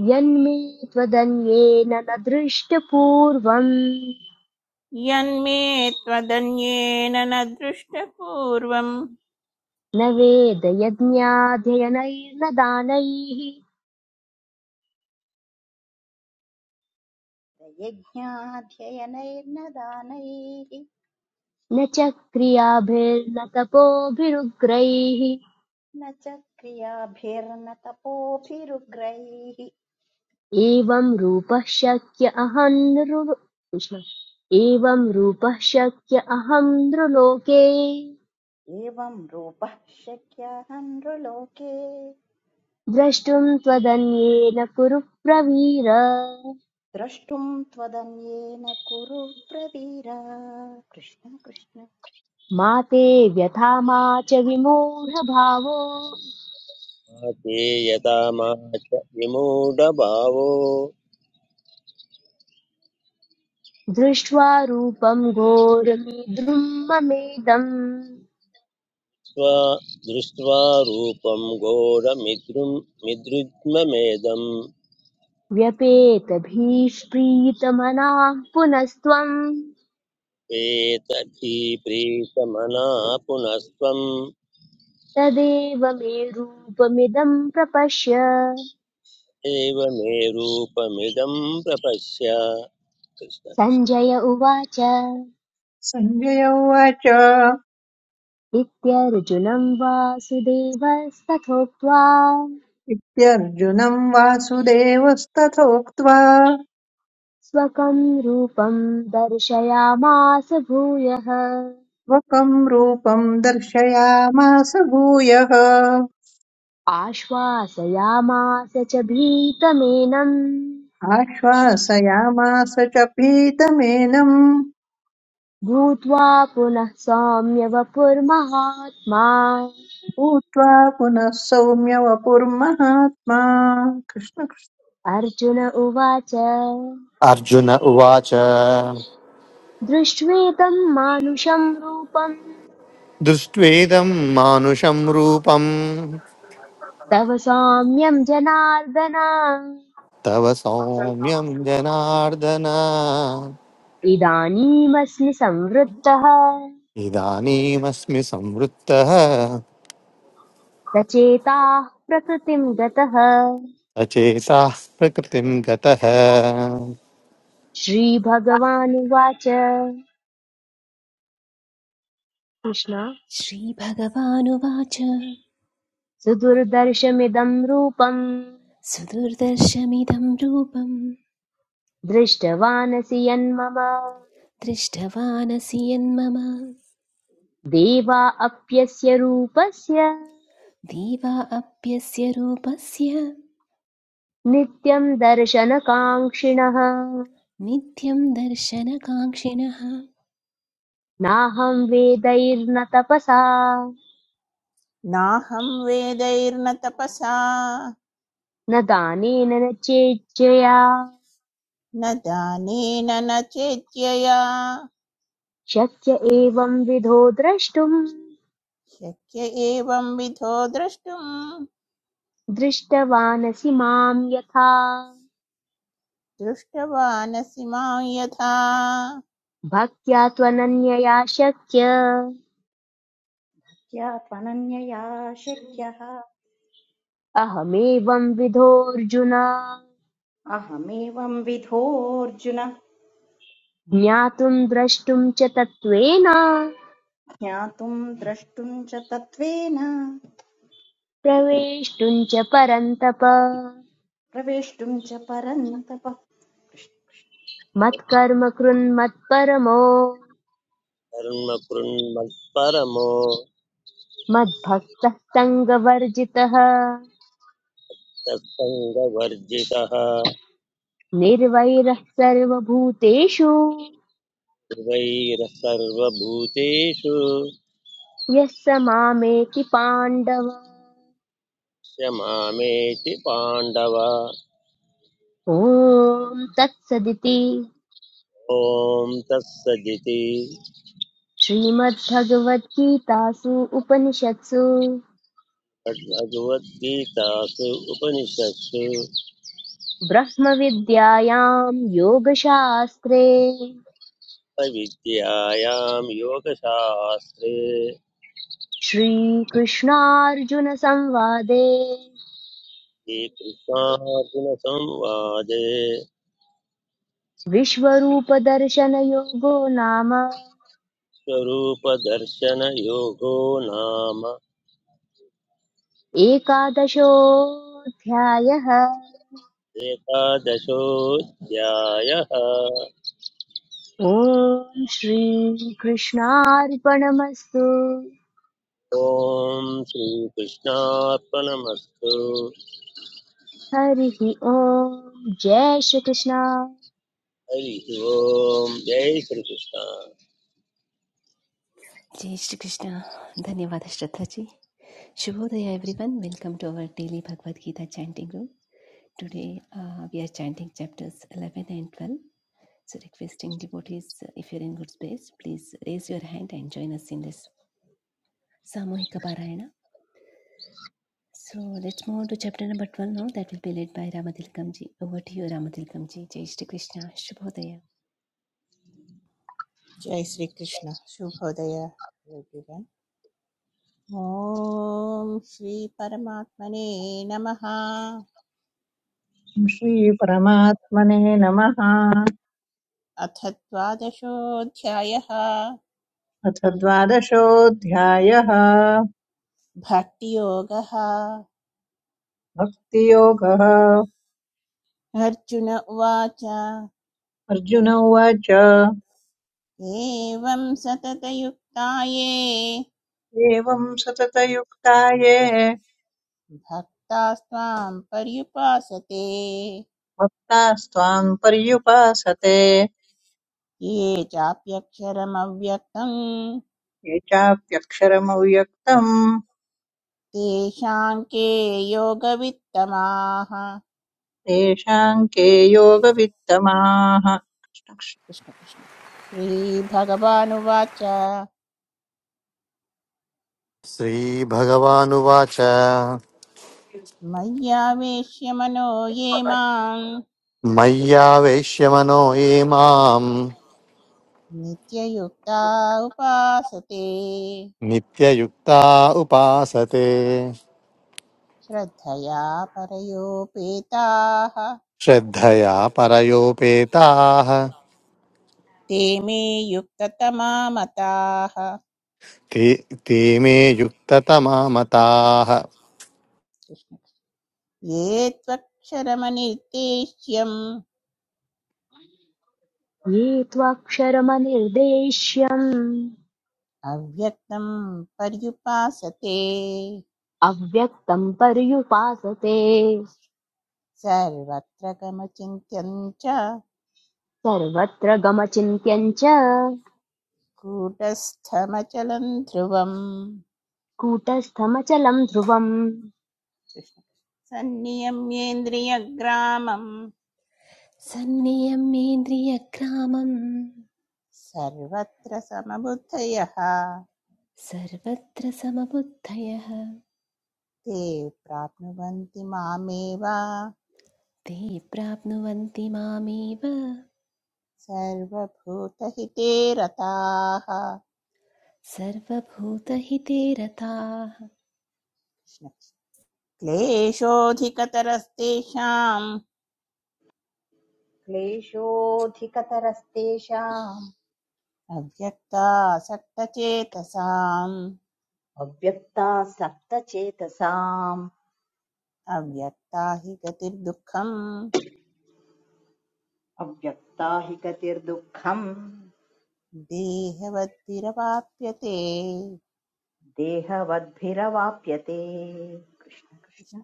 [SPEAKER 1] यन्मे त्वदन्येन न दृष्टपूर्वम्
[SPEAKER 2] यन्मे त्वदन्येन न दृष्टपूर्वं
[SPEAKER 1] न वेदयज्ञाध्ययनैर्न दानैः
[SPEAKER 3] यज्ञाध्ययनैर्न दानैः
[SPEAKER 1] न च क्रियाभिर्न तपोभिरुग्रैः
[SPEAKER 3] न च क्रियाभिर्न तपोभिरुग्रैः
[SPEAKER 1] एवं रूपः शक्य अहं नृ एवं रूपः शक्य अहं नृलोके
[SPEAKER 3] एवं रूपः शक्यः नृलोके
[SPEAKER 1] द्रष्टुं त्वदन्येन कुरु प्रवीर
[SPEAKER 3] द्रष्टुं त्वदन्येन कुरु प्रवीर कृष्ण कृष्ण
[SPEAKER 1] मा ते व्यथा मा च विमूढभावो
[SPEAKER 4] चेयता मा च विमूढभावो
[SPEAKER 1] दृष्ट्वा रूपं घोरमीद्रुं ममेदम्
[SPEAKER 4] स्व दृष्ट्वा रूपं घोरमिद्रुं मिदृद्ममेदं
[SPEAKER 1] व्यपेतभीष्प्रीतमनाः पुनस्त्वं
[SPEAKER 4] प्रेतभिप्रीतमना पुनस्त्वम्
[SPEAKER 1] तदेव मे रूपमिदं प्रपश्य
[SPEAKER 4] एव मे रूपमिदं प्रपश्य कृष्ण कृष्ण
[SPEAKER 1] सञ्जय उवाच
[SPEAKER 5] सञ्जय उवाच
[SPEAKER 1] इत्यर्जुनं वासुदेवस्तथोक्त्वा
[SPEAKER 5] इत्यर्जुनम् वासुदेवस्तथोक्त्वा
[SPEAKER 1] स्वकं रूपं दर्शयामास भूयः
[SPEAKER 5] वकम् रूपम् दर्शयामास भूयः
[SPEAKER 1] आश्वासयामास च भीतमेनम्
[SPEAKER 5] आश्वासयामास च पीतमेनम्
[SPEAKER 1] भूत्वा पुनः सौम्य वपुर्महात्मा
[SPEAKER 5] भूत्वा पुनः सौम्य वपुर्महात्मा कृष्ण
[SPEAKER 1] अर्जुन उवाच
[SPEAKER 6] अर्जुन उवाच
[SPEAKER 1] दृष्ट्वेदं मानुषं रूपं
[SPEAKER 6] दृष्ट्वेदं मानुषं रूपं
[SPEAKER 1] तव सौम्यं जनार्दन
[SPEAKER 6] तव सौम्यं जनार्दन
[SPEAKER 1] इदानीमस्मि संवृत्तः
[SPEAKER 6] इदानीमस्मि संवृत्तः
[SPEAKER 1] सचेताः प्रकृतिं गतः
[SPEAKER 6] अचेताः प्रकृतिं गतः
[SPEAKER 1] श्रीभगवानुवाच कृष्ण
[SPEAKER 7] श्रीभगवानुवाच
[SPEAKER 1] सुदुर्दर्शमिदं रूपम्
[SPEAKER 7] सुदुर्दर्शमिदं रूपं
[SPEAKER 1] दृष्टवानसि यन्मम
[SPEAKER 7] दृष्टवानसि यन्मम
[SPEAKER 1] देवा अप्यस्य रूपस्य
[SPEAKER 7] दीवा अप्यस्य रूपस्य
[SPEAKER 1] नित्यं दर्शनकाङ्क्षिणः
[SPEAKER 7] नित्यं दर्शनकाङ्क्षिणः
[SPEAKER 1] नाहं वेदैर्न तपसा
[SPEAKER 2] नाहं वेदैर्न तपसा
[SPEAKER 1] न दानेन न चेज्जया
[SPEAKER 2] न दानेन न चेद्यया
[SPEAKER 1] शक्य एवं विधो द्रष्टुम्
[SPEAKER 2] शक्य एवं विधो द्रष्टुम्
[SPEAKER 1] दृष्टवानसि माम् यथा
[SPEAKER 2] दृष्टवानसि मां यथा
[SPEAKER 1] भक्त्या त्वनन्यया शक्य
[SPEAKER 3] या त्वनन्यया शक्यः
[SPEAKER 1] अहमेवं विधोऽर्जुन
[SPEAKER 3] अहमेवं विधोऽर्जुन
[SPEAKER 1] ज्ञातुं द्रष्टुं च तत्त्वेन
[SPEAKER 3] ज्ञातुं द्रष्टुं च तत्त्वेन
[SPEAKER 1] प्रवेष्टुं च परन्तप
[SPEAKER 3] प्रवेष्टुं च परन्तप
[SPEAKER 1] मत्कर्म कृन्मत्परमो
[SPEAKER 4] कर्मकृन्मत्परमो
[SPEAKER 1] मद्भक्तः सङ्गवर्जितः
[SPEAKER 4] सत्सङ्गवर्जितः
[SPEAKER 1] निर्वैरः सर्वभूतेषु
[SPEAKER 4] सर्वैः सर्वभूतेषु
[SPEAKER 1] यः स मामेति पाण्डव
[SPEAKER 4] च मामेति पाण्डव
[SPEAKER 1] ॐ तत्सदिति
[SPEAKER 4] ॐ तत्सदिति
[SPEAKER 1] श्रीमद्भगवद्गीतासु उपनिषत्सु
[SPEAKER 4] भगवद्गीतासु उपनिषत्सु
[SPEAKER 1] ब्रह्मविद्यायां योगशास्त्रे
[SPEAKER 4] विद्यायां योगशास्त्रे
[SPEAKER 1] श्रीकृष्णार्जुनसंवादे
[SPEAKER 4] श्रीकृष्णार्जुनसंवादे
[SPEAKER 1] विश्वरूपदर्शनयोगो नाम
[SPEAKER 4] स्वरूपदर्शनयोगो नाम
[SPEAKER 1] एकादशोऽध्यायः
[SPEAKER 4] एकादशोऽध्यायः
[SPEAKER 1] ॐ श्रीकृष्णार्पणमस्तु
[SPEAKER 4] ॐ श्रीकृष्णार्पणमस्तु
[SPEAKER 1] हरिः ॐ जय श्रीकृष्ण
[SPEAKER 4] हरिः ओम् जय श्रीकृष्ण
[SPEAKER 7] जय श्रीकृष्ण धन्यवाद श्रद्धाजी Shubhodaya everyone, welcome to our daily Bhagavad Gita chanting room. Today uh, we are chanting chapters 11 and 12. So requesting devotees, uh, if you are in good space, please raise your hand and join us in this Samohika Parayana. So let's move on to chapter number 12 now. That will be led by Ramadilkamji. Over to you, Ramadilkamji. Jai Shri Krishna. Shubhodaya.
[SPEAKER 2] जय Shri Krishna शुभोदय everyone ॐ श्रीपरमात्मने नमः
[SPEAKER 5] श्रीपरमात्मने नमः
[SPEAKER 2] अथ द्वादशोऽध्यायः
[SPEAKER 5] अथ द्वादशोऽध्यायः
[SPEAKER 2] भक्तियोगः
[SPEAKER 5] भक्तियोगः
[SPEAKER 2] अर्जुन उवाच
[SPEAKER 5] अर्जुन उवाच
[SPEAKER 2] एवं सततयुक्ताये
[SPEAKER 5] एवं सततयुक्ता ये
[SPEAKER 2] भक्तास्त्वां पर्युपासते
[SPEAKER 5] भक्तास्त्वां पर्युपासते
[SPEAKER 2] ये चाप्यक्षरमव्यक्तं
[SPEAKER 5] ये चाप्यक्षरमव्यक्तम्
[SPEAKER 2] तेषां के योगवित्तमाः
[SPEAKER 5] तेषां के योगवित्तमाः
[SPEAKER 2] कृष्ण कृष्ण श्रीभगवानुवाच
[SPEAKER 6] श्रीभगवानुवाच
[SPEAKER 2] मय्यावेश्य मनो ये मां
[SPEAKER 6] मय्यावेश्य मनो ये मां
[SPEAKER 2] नित्ययुक्ता उपासते
[SPEAKER 6] नित्ययुक्ता उपासते
[SPEAKER 2] श्रद्धया परयोपेताः
[SPEAKER 6] श्रद्धया परयोपेताः
[SPEAKER 2] ते मे युक्ततमा मताः
[SPEAKER 6] ते ते मे युक्ततमा मताः
[SPEAKER 2] कृष्ण। ये त्वक्षरमनिर्देश्यम्
[SPEAKER 1] ये त्वाक्षरमनिर्देश्यम्
[SPEAKER 2] अव्यक्तं पर्युपासते
[SPEAKER 1] अव्यक्तं पर्युपासते
[SPEAKER 2] सर्वत्र गमचिन्त्यं च
[SPEAKER 1] सर्वत्र गमचिन्त्यम् च
[SPEAKER 2] कूटस्थमचलं ध्रुवम्
[SPEAKER 1] कूटस्थमचलम् ध्रुवम्
[SPEAKER 2] कृष्ण। सन्नियम्येन्द्रियग्रामं
[SPEAKER 7] सन्नियम्येन्द्रियग्रामं
[SPEAKER 2] सर्वत्र समबुद्धयः
[SPEAKER 7] सर्वत्र समबुद्धयः
[SPEAKER 2] ते प्राप्नुवन्ति मामेव
[SPEAKER 7] ते प्राप्नुवन्ति मामेव
[SPEAKER 2] सर्वभूतहिते रताः
[SPEAKER 7] सर्वभूतहिते रताः
[SPEAKER 2] क्लेशोऽधिकतरस्तेषां
[SPEAKER 3] क्लेशोऽधिकतरस्तेषाम्
[SPEAKER 2] अव्यक्ता अव्यक्तासक्तचेतसाम्
[SPEAKER 3] अव्यक्ता सप्तचेतसाम्
[SPEAKER 2] अव्यक्ता हि गतिर्दुःखम्
[SPEAKER 3] अव्यक्ता हि गतिर्दुःखम्
[SPEAKER 2] देहवद्भिरवाप्यते
[SPEAKER 3] देहवद्भिरवाप्यते कृष्ण कृष्ण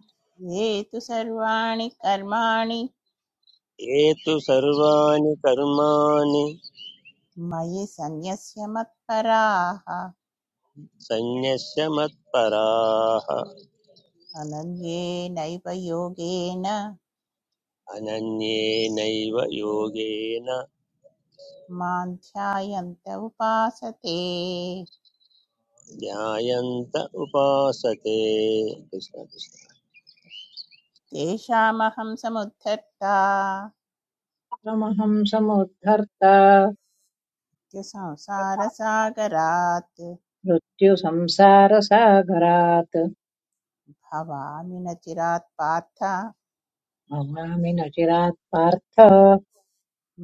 [SPEAKER 2] ये तु सर्वाणि कर्माणि
[SPEAKER 4] ये तु सर्वाणि कर्माणि
[SPEAKER 2] मयि सन्न्यस्य मत्पराः
[SPEAKER 4] सन्न्यस्य मत्पराः
[SPEAKER 2] अनन्येनैव योगेन
[SPEAKER 4] अनन्येनैव योगेन
[SPEAKER 2] मां ध्यायन्त उपासते
[SPEAKER 4] ध्यायन्त उपासते कृष्ण कृष्ण
[SPEAKER 2] तेषामहं समुद्धर्ता
[SPEAKER 5] क्षरमहं समुद्धर्त
[SPEAKER 2] इत्यसंसारसागरात्
[SPEAKER 5] मृत्युसंसारसागरात्
[SPEAKER 2] भवामिनचिरातपाता
[SPEAKER 5] भवामि न चिरात् पार्थ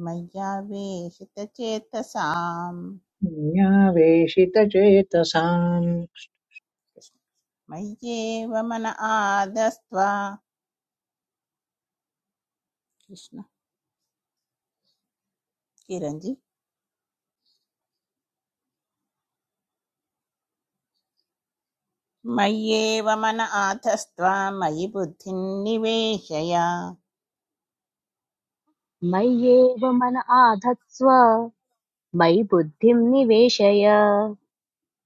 [SPEAKER 2] मयावेशितचेतसाम
[SPEAKER 5] मयावेशितचेतसाम्
[SPEAKER 2] मयेवमनाधस्तव कृष्ण किरणजी मयेवमनाधस्तव मयिबुधिनिवेशया
[SPEAKER 1] मय्येव मन आधत्स्व मयि बुद्धिं निवेशय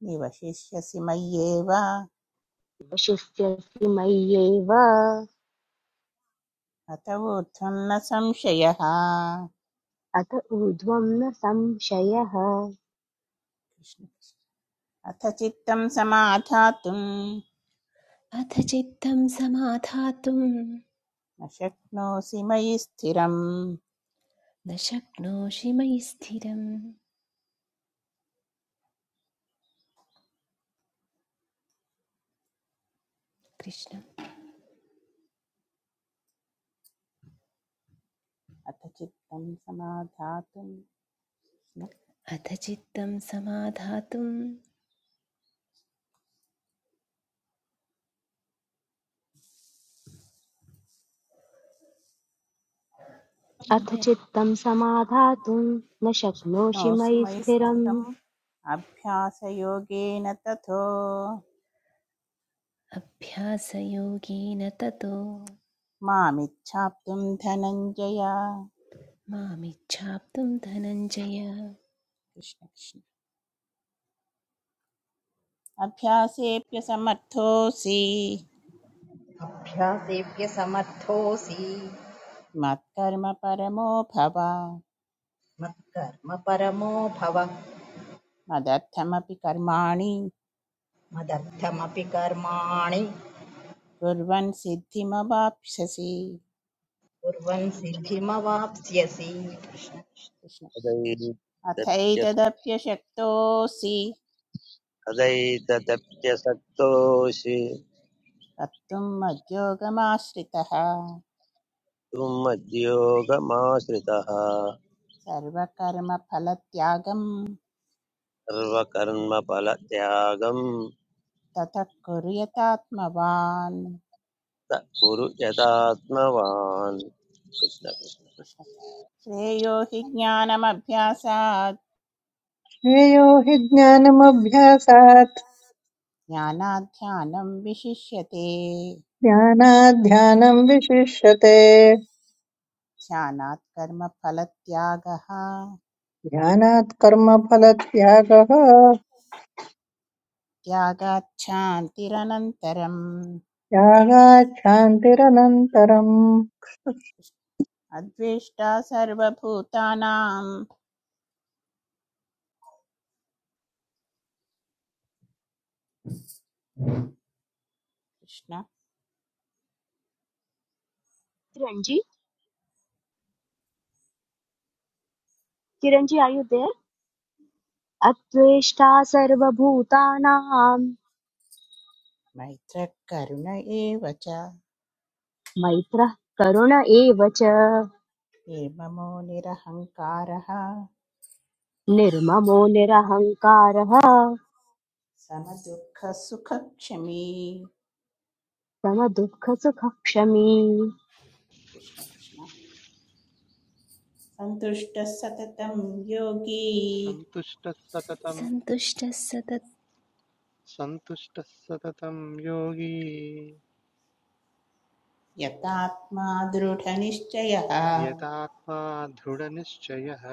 [SPEAKER 2] निवशेश्यसिमयेवा
[SPEAKER 1] वशिष्यसि मय्येव
[SPEAKER 2] अतवुत्थनसमशयः
[SPEAKER 1] अत ऊर्ध्वं न संशयः
[SPEAKER 2] कृष्ण अतचित्तमसमाधातुं
[SPEAKER 7] अथ चित्तं समाधातुं
[SPEAKER 2] नशक्नोसिमयिस्थिरम
[SPEAKER 7] न शक्नोषि मयि स्थिरम् कृष्ण
[SPEAKER 2] अतचित्तमसमाधातुं
[SPEAKER 7] अथ चित्तं समाधातुं
[SPEAKER 1] अथ चित्तं समाधातुं न शक्नोषि
[SPEAKER 2] नोऽसि
[SPEAKER 1] मयि
[SPEAKER 2] मयि
[SPEAKER 1] स्थिरम्
[SPEAKER 2] स्थितम् अभ्यासयोगेन ततो
[SPEAKER 7] अभ्यासयोगेन ततो
[SPEAKER 2] मामिच्छाप्तुं धनञ्जय
[SPEAKER 7] मामिच्छाप्तुं धनञ्जय
[SPEAKER 2] कृष्ण कृष्ण अभ्यासेऽप्यसमर्थोऽसि
[SPEAKER 3] अभ्यासेभ्य समर्थोऽसि
[SPEAKER 2] मत्कर्म परमो भव
[SPEAKER 3] मत्कर्म परमो भव
[SPEAKER 2] मदर्थमपि कर्माणि
[SPEAKER 3] मदर्थमपि कर्माणि
[SPEAKER 2] कुर्वन् सिद्धिमवाप्स्यसि
[SPEAKER 3] कुर्वन् सिद्धिमवाप्स्यसि कृष्ण
[SPEAKER 2] कृष्ण
[SPEAKER 4] तदैतदप्य
[SPEAKER 2] अथैतदप्यशक्तोऽसि
[SPEAKER 4] तदैतदप्यसक्तोऽसि
[SPEAKER 2] कर्तुम् मद्योगमाश्रितः
[SPEAKER 4] त्वं मद्योगमाश्रितः
[SPEAKER 2] सर्वकर्मफलत्यागम्
[SPEAKER 4] सर्वकर्मफलत्यागं
[SPEAKER 2] ततः कुर्यतात्मवान्
[SPEAKER 4] त कुरु यदात्मवान् कृष्ण कृष्ण
[SPEAKER 2] कृष्ण। श्रेयो हि ज्ञानमभ्यासात्
[SPEAKER 5] श्रेयो हि ज्ञानमभ्यासात्
[SPEAKER 2] ज्ञानाध्यानं विशिष्यते
[SPEAKER 5] ध्यानात् ध्यानम् विशिष्यते
[SPEAKER 2] ध्यानात् कर्मफलत्यागः
[SPEAKER 5] ध्यानात् कर्मफलत्यागः
[SPEAKER 2] त्यागाच्छान्तिरनन्तरम्
[SPEAKER 5] त्यागात् शान्तिरनन्तरम्
[SPEAKER 2] अद्वेष्टा सर्वभूतानां कृष्ण
[SPEAKER 1] किरञ्जी किरञ्जी आयु देर् अत्वेष्टा सर्वभूतानां
[SPEAKER 2] मैत्रः करुण एव च
[SPEAKER 1] मैत्रः करुण एव च
[SPEAKER 2] निर्ममो निरहङ्कारः
[SPEAKER 1] निर्ममो निरहङ्कारः
[SPEAKER 2] समदुःखसुखक्षमी
[SPEAKER 1] समदुःखसुखक्षमी
[SPEAKER 2] कृष्ण कृष्ण सन्तुष्टः सततं योगी
[SPEAKER 8] सन्तुष्टः सततं
[SPEAKER 7] सन्तुष्टः सतत्
[SPEAKER 8] सन्तुष्टः सततं योगी
[SPEAKER 2] यतात्मा दृढनिश्चयः
[SPEAKER 8] यतात्मा दृढनिश्चयः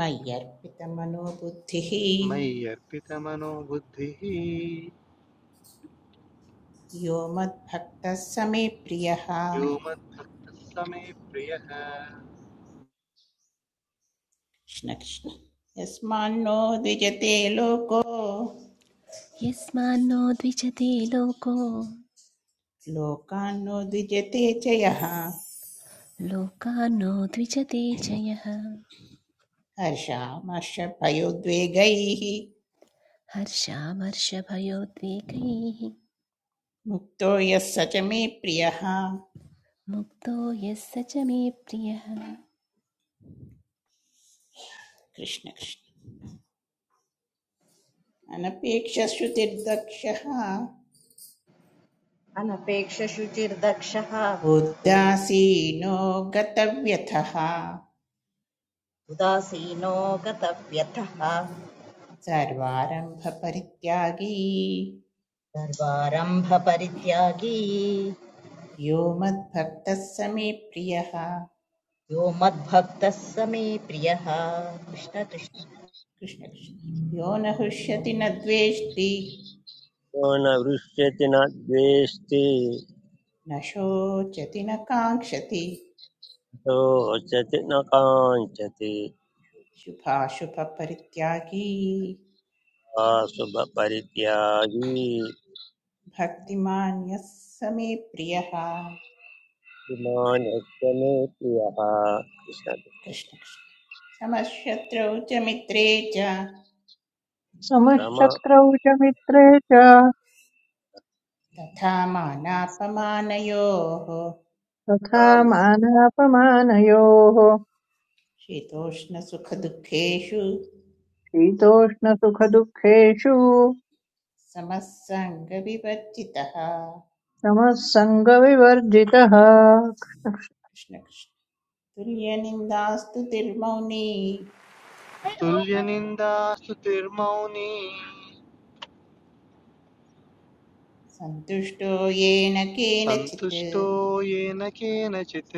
[SPEAKER 2] मय्यर्पितमनोबुद्धिः
[SPEAKER 8] मयि अर्पितमनो बुद्धिः
[SPEAKER 2] यो मद्भक्तः समे प्रियः
[SPEAKER 8] यो
[SPEAKER 2] कृष्ण
[SPEAKER 8] मद्भक्तः समे प्रियः
[SPEAKER 2] कृष्ण यस्मान्नो द्विजते लोको
[SPEAKER 7] यस्मान्नो द्विजते लोको
[SPEAKER 2] लोकान्नो द्विजते च यः
[SPEAKER 7] लोकान्नो द्विजते च यः
[SPEAKER 2] हर्षामर्षभयोद्वेगैः
[SPEAKER 7] हर्षामर्षभयोद्वेगैः
[SPEAKER 2] मुक्तो यः स च मे प्रियः
[SPEAKER 7] मुक्तो यः स च मे प्रियः जय
[SPEAKER 2] कृष्णकृष्ण अनपेक्षश्रुतिर्दक्षः
[SPEAKER 3] अनपेक्ष शुचिर्दक्षः
[SPEAKER 2] उदासीनो गतव्यथः
[SPEAKER 3] उदासीनो गतव्यथः
[SPEAKER 2] सर्वारम्भपरित्यागी
[SPEAKER 3] सर्वारम्भ परित्यागी
[SPEAKER 2] यो मद्भक्तः स मे प्रियः
[SPEAKER 3] यो मद्भक्तः स मे प्रियः कृष्ण कृष्ण
[SPEAKER 2] कृष्णकृष्ण यो न हृष्यति न द्वेष्टि
[SPEAKER 4] यो न वृष्यति न द्वेष्टि
[SPEAKER 2] न शोचति न काङ्क्षति
[SPEAKER 4] रोचति न काञ्चति
[SPEAKER 2] शुभाशुभपरित्यागी
[SPEAKER 4] शुभ परित्यागी
[SPEAKER 2] भक्तिमान्यः स मे प्रियः
[SPEAKER 4] मानस्य मे प्रियः कृष्ण
[SPEAKER 2] कृष्णकृष्ण समशत्रौ च मित्रे च
[SPEAKER 4] राम
[SPEAKER 5] समशत्रौ च मित्रे च
[SPEAKER 2] तथा मानापमानयोः
[SPEAKER 5] तथा
[SPEAKER 4] राम
[SPEAKER 5] मानापमानयोः
[SPEAKER 2] शीतोष्णसुखदुःखेषु
[SPEAKER 5] शीतोष्णसुखदुःखेषु
[SPEAKER 2] समस्सङ्गविवर्जितः
[SPEAKER 5] समः सङ्गविवर्जितः
[SPEAKER 2] कृष्णकृष्ण तुल्यनिन्दास्तु तिर्मौनी
[SPEAKER 8] तुल्यनिन्दास्तुतिर्मौनी
[SPEAKER 2] सन्तुष्टो येन केनचित्
[SPEAKER 8] सन्तुष्टो येन केनचित्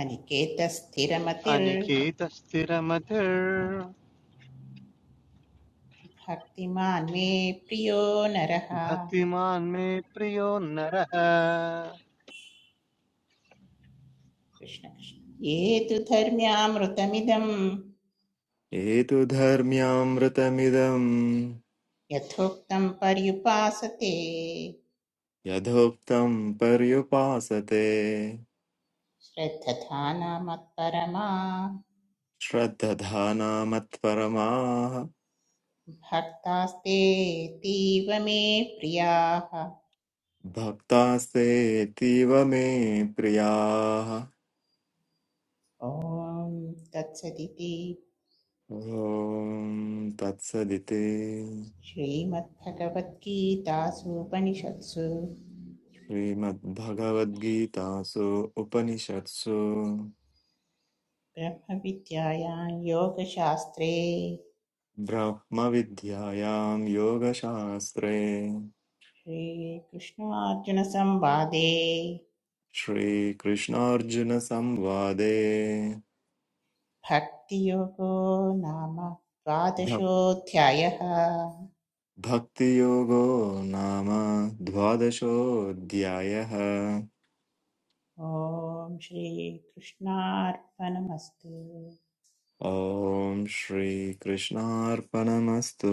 [SPEAKER 2] अनिकेतस्थिरमतिर्भक्तिमान्
[SPEAKER 8] अनिकेतस्थिरमतिर्भक्तिमान्
[SPEAKER 2] मे प्रियो नरः
[SPEAKER 8] मे प्रियो नरः
[SPEAKER 2] कृष्णकृष्ण ये तु धर्म्यामृतमिदम्
[SPEAKER 9] एतु धर्म्यामृतमिदम्
[SPEAKER 2] यथोक्तं पर्युपासते
[SPEAKER 9] यथोक्तम् पर्युपासते
[SPEAKER 2] श्रद्धधाना मत्परमा
[SPEAKER 9] श्रद्धधानामत्परमाः
[SPEAKER 2] भक्तास्तेऽतीव मे प्रियाः
[SPEAKER 9] भक्तास्तेऽतीव मे प्रियाः
[SPEAKER 2] ॐ तत्सदिति
[SPEAKER 9] ॐ तत्सदिति
[SPEAKER 2] श्रीमद्भगवद्गीतासूपनिषत्सु
[SPEAKER 9] श्रीमद्भगवद्गीतासु उपनिषत्सु
[SPEAKER 2] ब्रह्मविद्यायां योगशास्त्रे
[SPEAKER 9] ब्रह्मविद्यायां योगशास्त्रे
[SPEAKER 2] श्रीकृष्णार्जुनसंवादे
[SPEAKER 9] श्रीकृष्णार्जुनसंवादे
[SPEAKER 2] भक्तियोगो नाम द्वादशोऽध्यायः
[SPEAKER 9] भक्तियोगो नाम द्वादशोऽध्यायः
[SPEAKER 2] ॐ श्रीकृष्णार्पणमस्तु
[SPEAKER 9] ॐ श्रीकृष्णार्पणमस्तु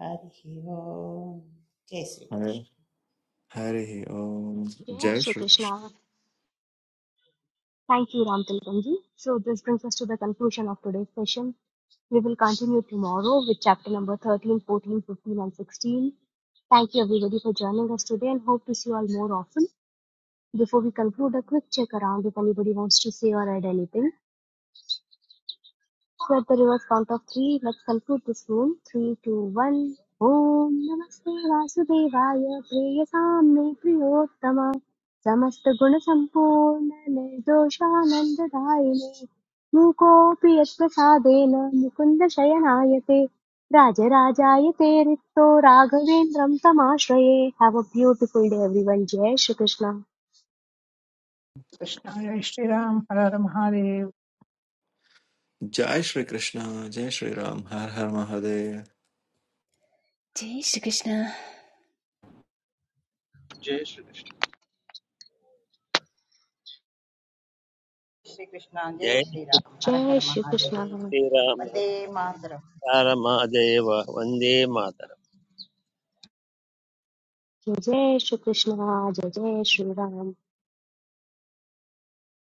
[SPEAKER 2] हरिः ओम् जय
[SPEAKER 9] हरे-
[SPEAKER 2] श्रीकृष्ण
[SPEAKER 9] हरिः ॐ
[SPEAKER 1] जय
[SPEAKER 9] जय Shri Krishna,
[SPEAKER 1] Shri Krishna Thank you, Ram Tilkanji. So this brings us to the conclusion of today's session. We will continue tomorrow with chapter number 13, 14, 15, and 16. Thank you everybody for joining us today and hope to see you all more often. Before we conclude, a quick check around if anybody wants to say or add anything. Let the reverse count of three. Let's conclude this room. Three, two, one. ओम नमस्ते वासुदेवाय प्रिय साम्ये प्रियोत्तम समस्त गुण संपूर्ण निर्दोषानंद दायिने मूकोऽपि यत्प्रसादेन मुकुन्द शयनायते राजराजायते रिक्तो राघवेन्द्रं तमाश्रये have a beautiful day everyone जय श्री कृष्ण
[SPEAKER 5] कृष्णाय श्रीराम हर हर महादेव
[SPEAKER 9] जय श्रीकृष्ण जय श्रीराम हर हर महादेव
[SPEAKER 7] श्रीकृष्ण
[SPEAKER 8] जय श्रीकृष्ण
[SPEAKER 3] श्रीकृष्णाञ्जय
[SPEAKER 4] जय
[SPEAKER 3] श्रीराम हर
[SPEAKER 1] जय
[SPEAKER 3] हर
[SPEAKER 1] श्री कृष्ण
[SPEAKER 4] जय
[SPEAKER 3] महादेव
[SPEAKER 1] जय
[SPEAKER 4] श्रीराम
[SPEAKER 3] puede matar
[SPEAKER 4] राम राम देव वन्दे मातरम्
[SPEAKER 1] जय श्री कृष्ण जय जय श्री राम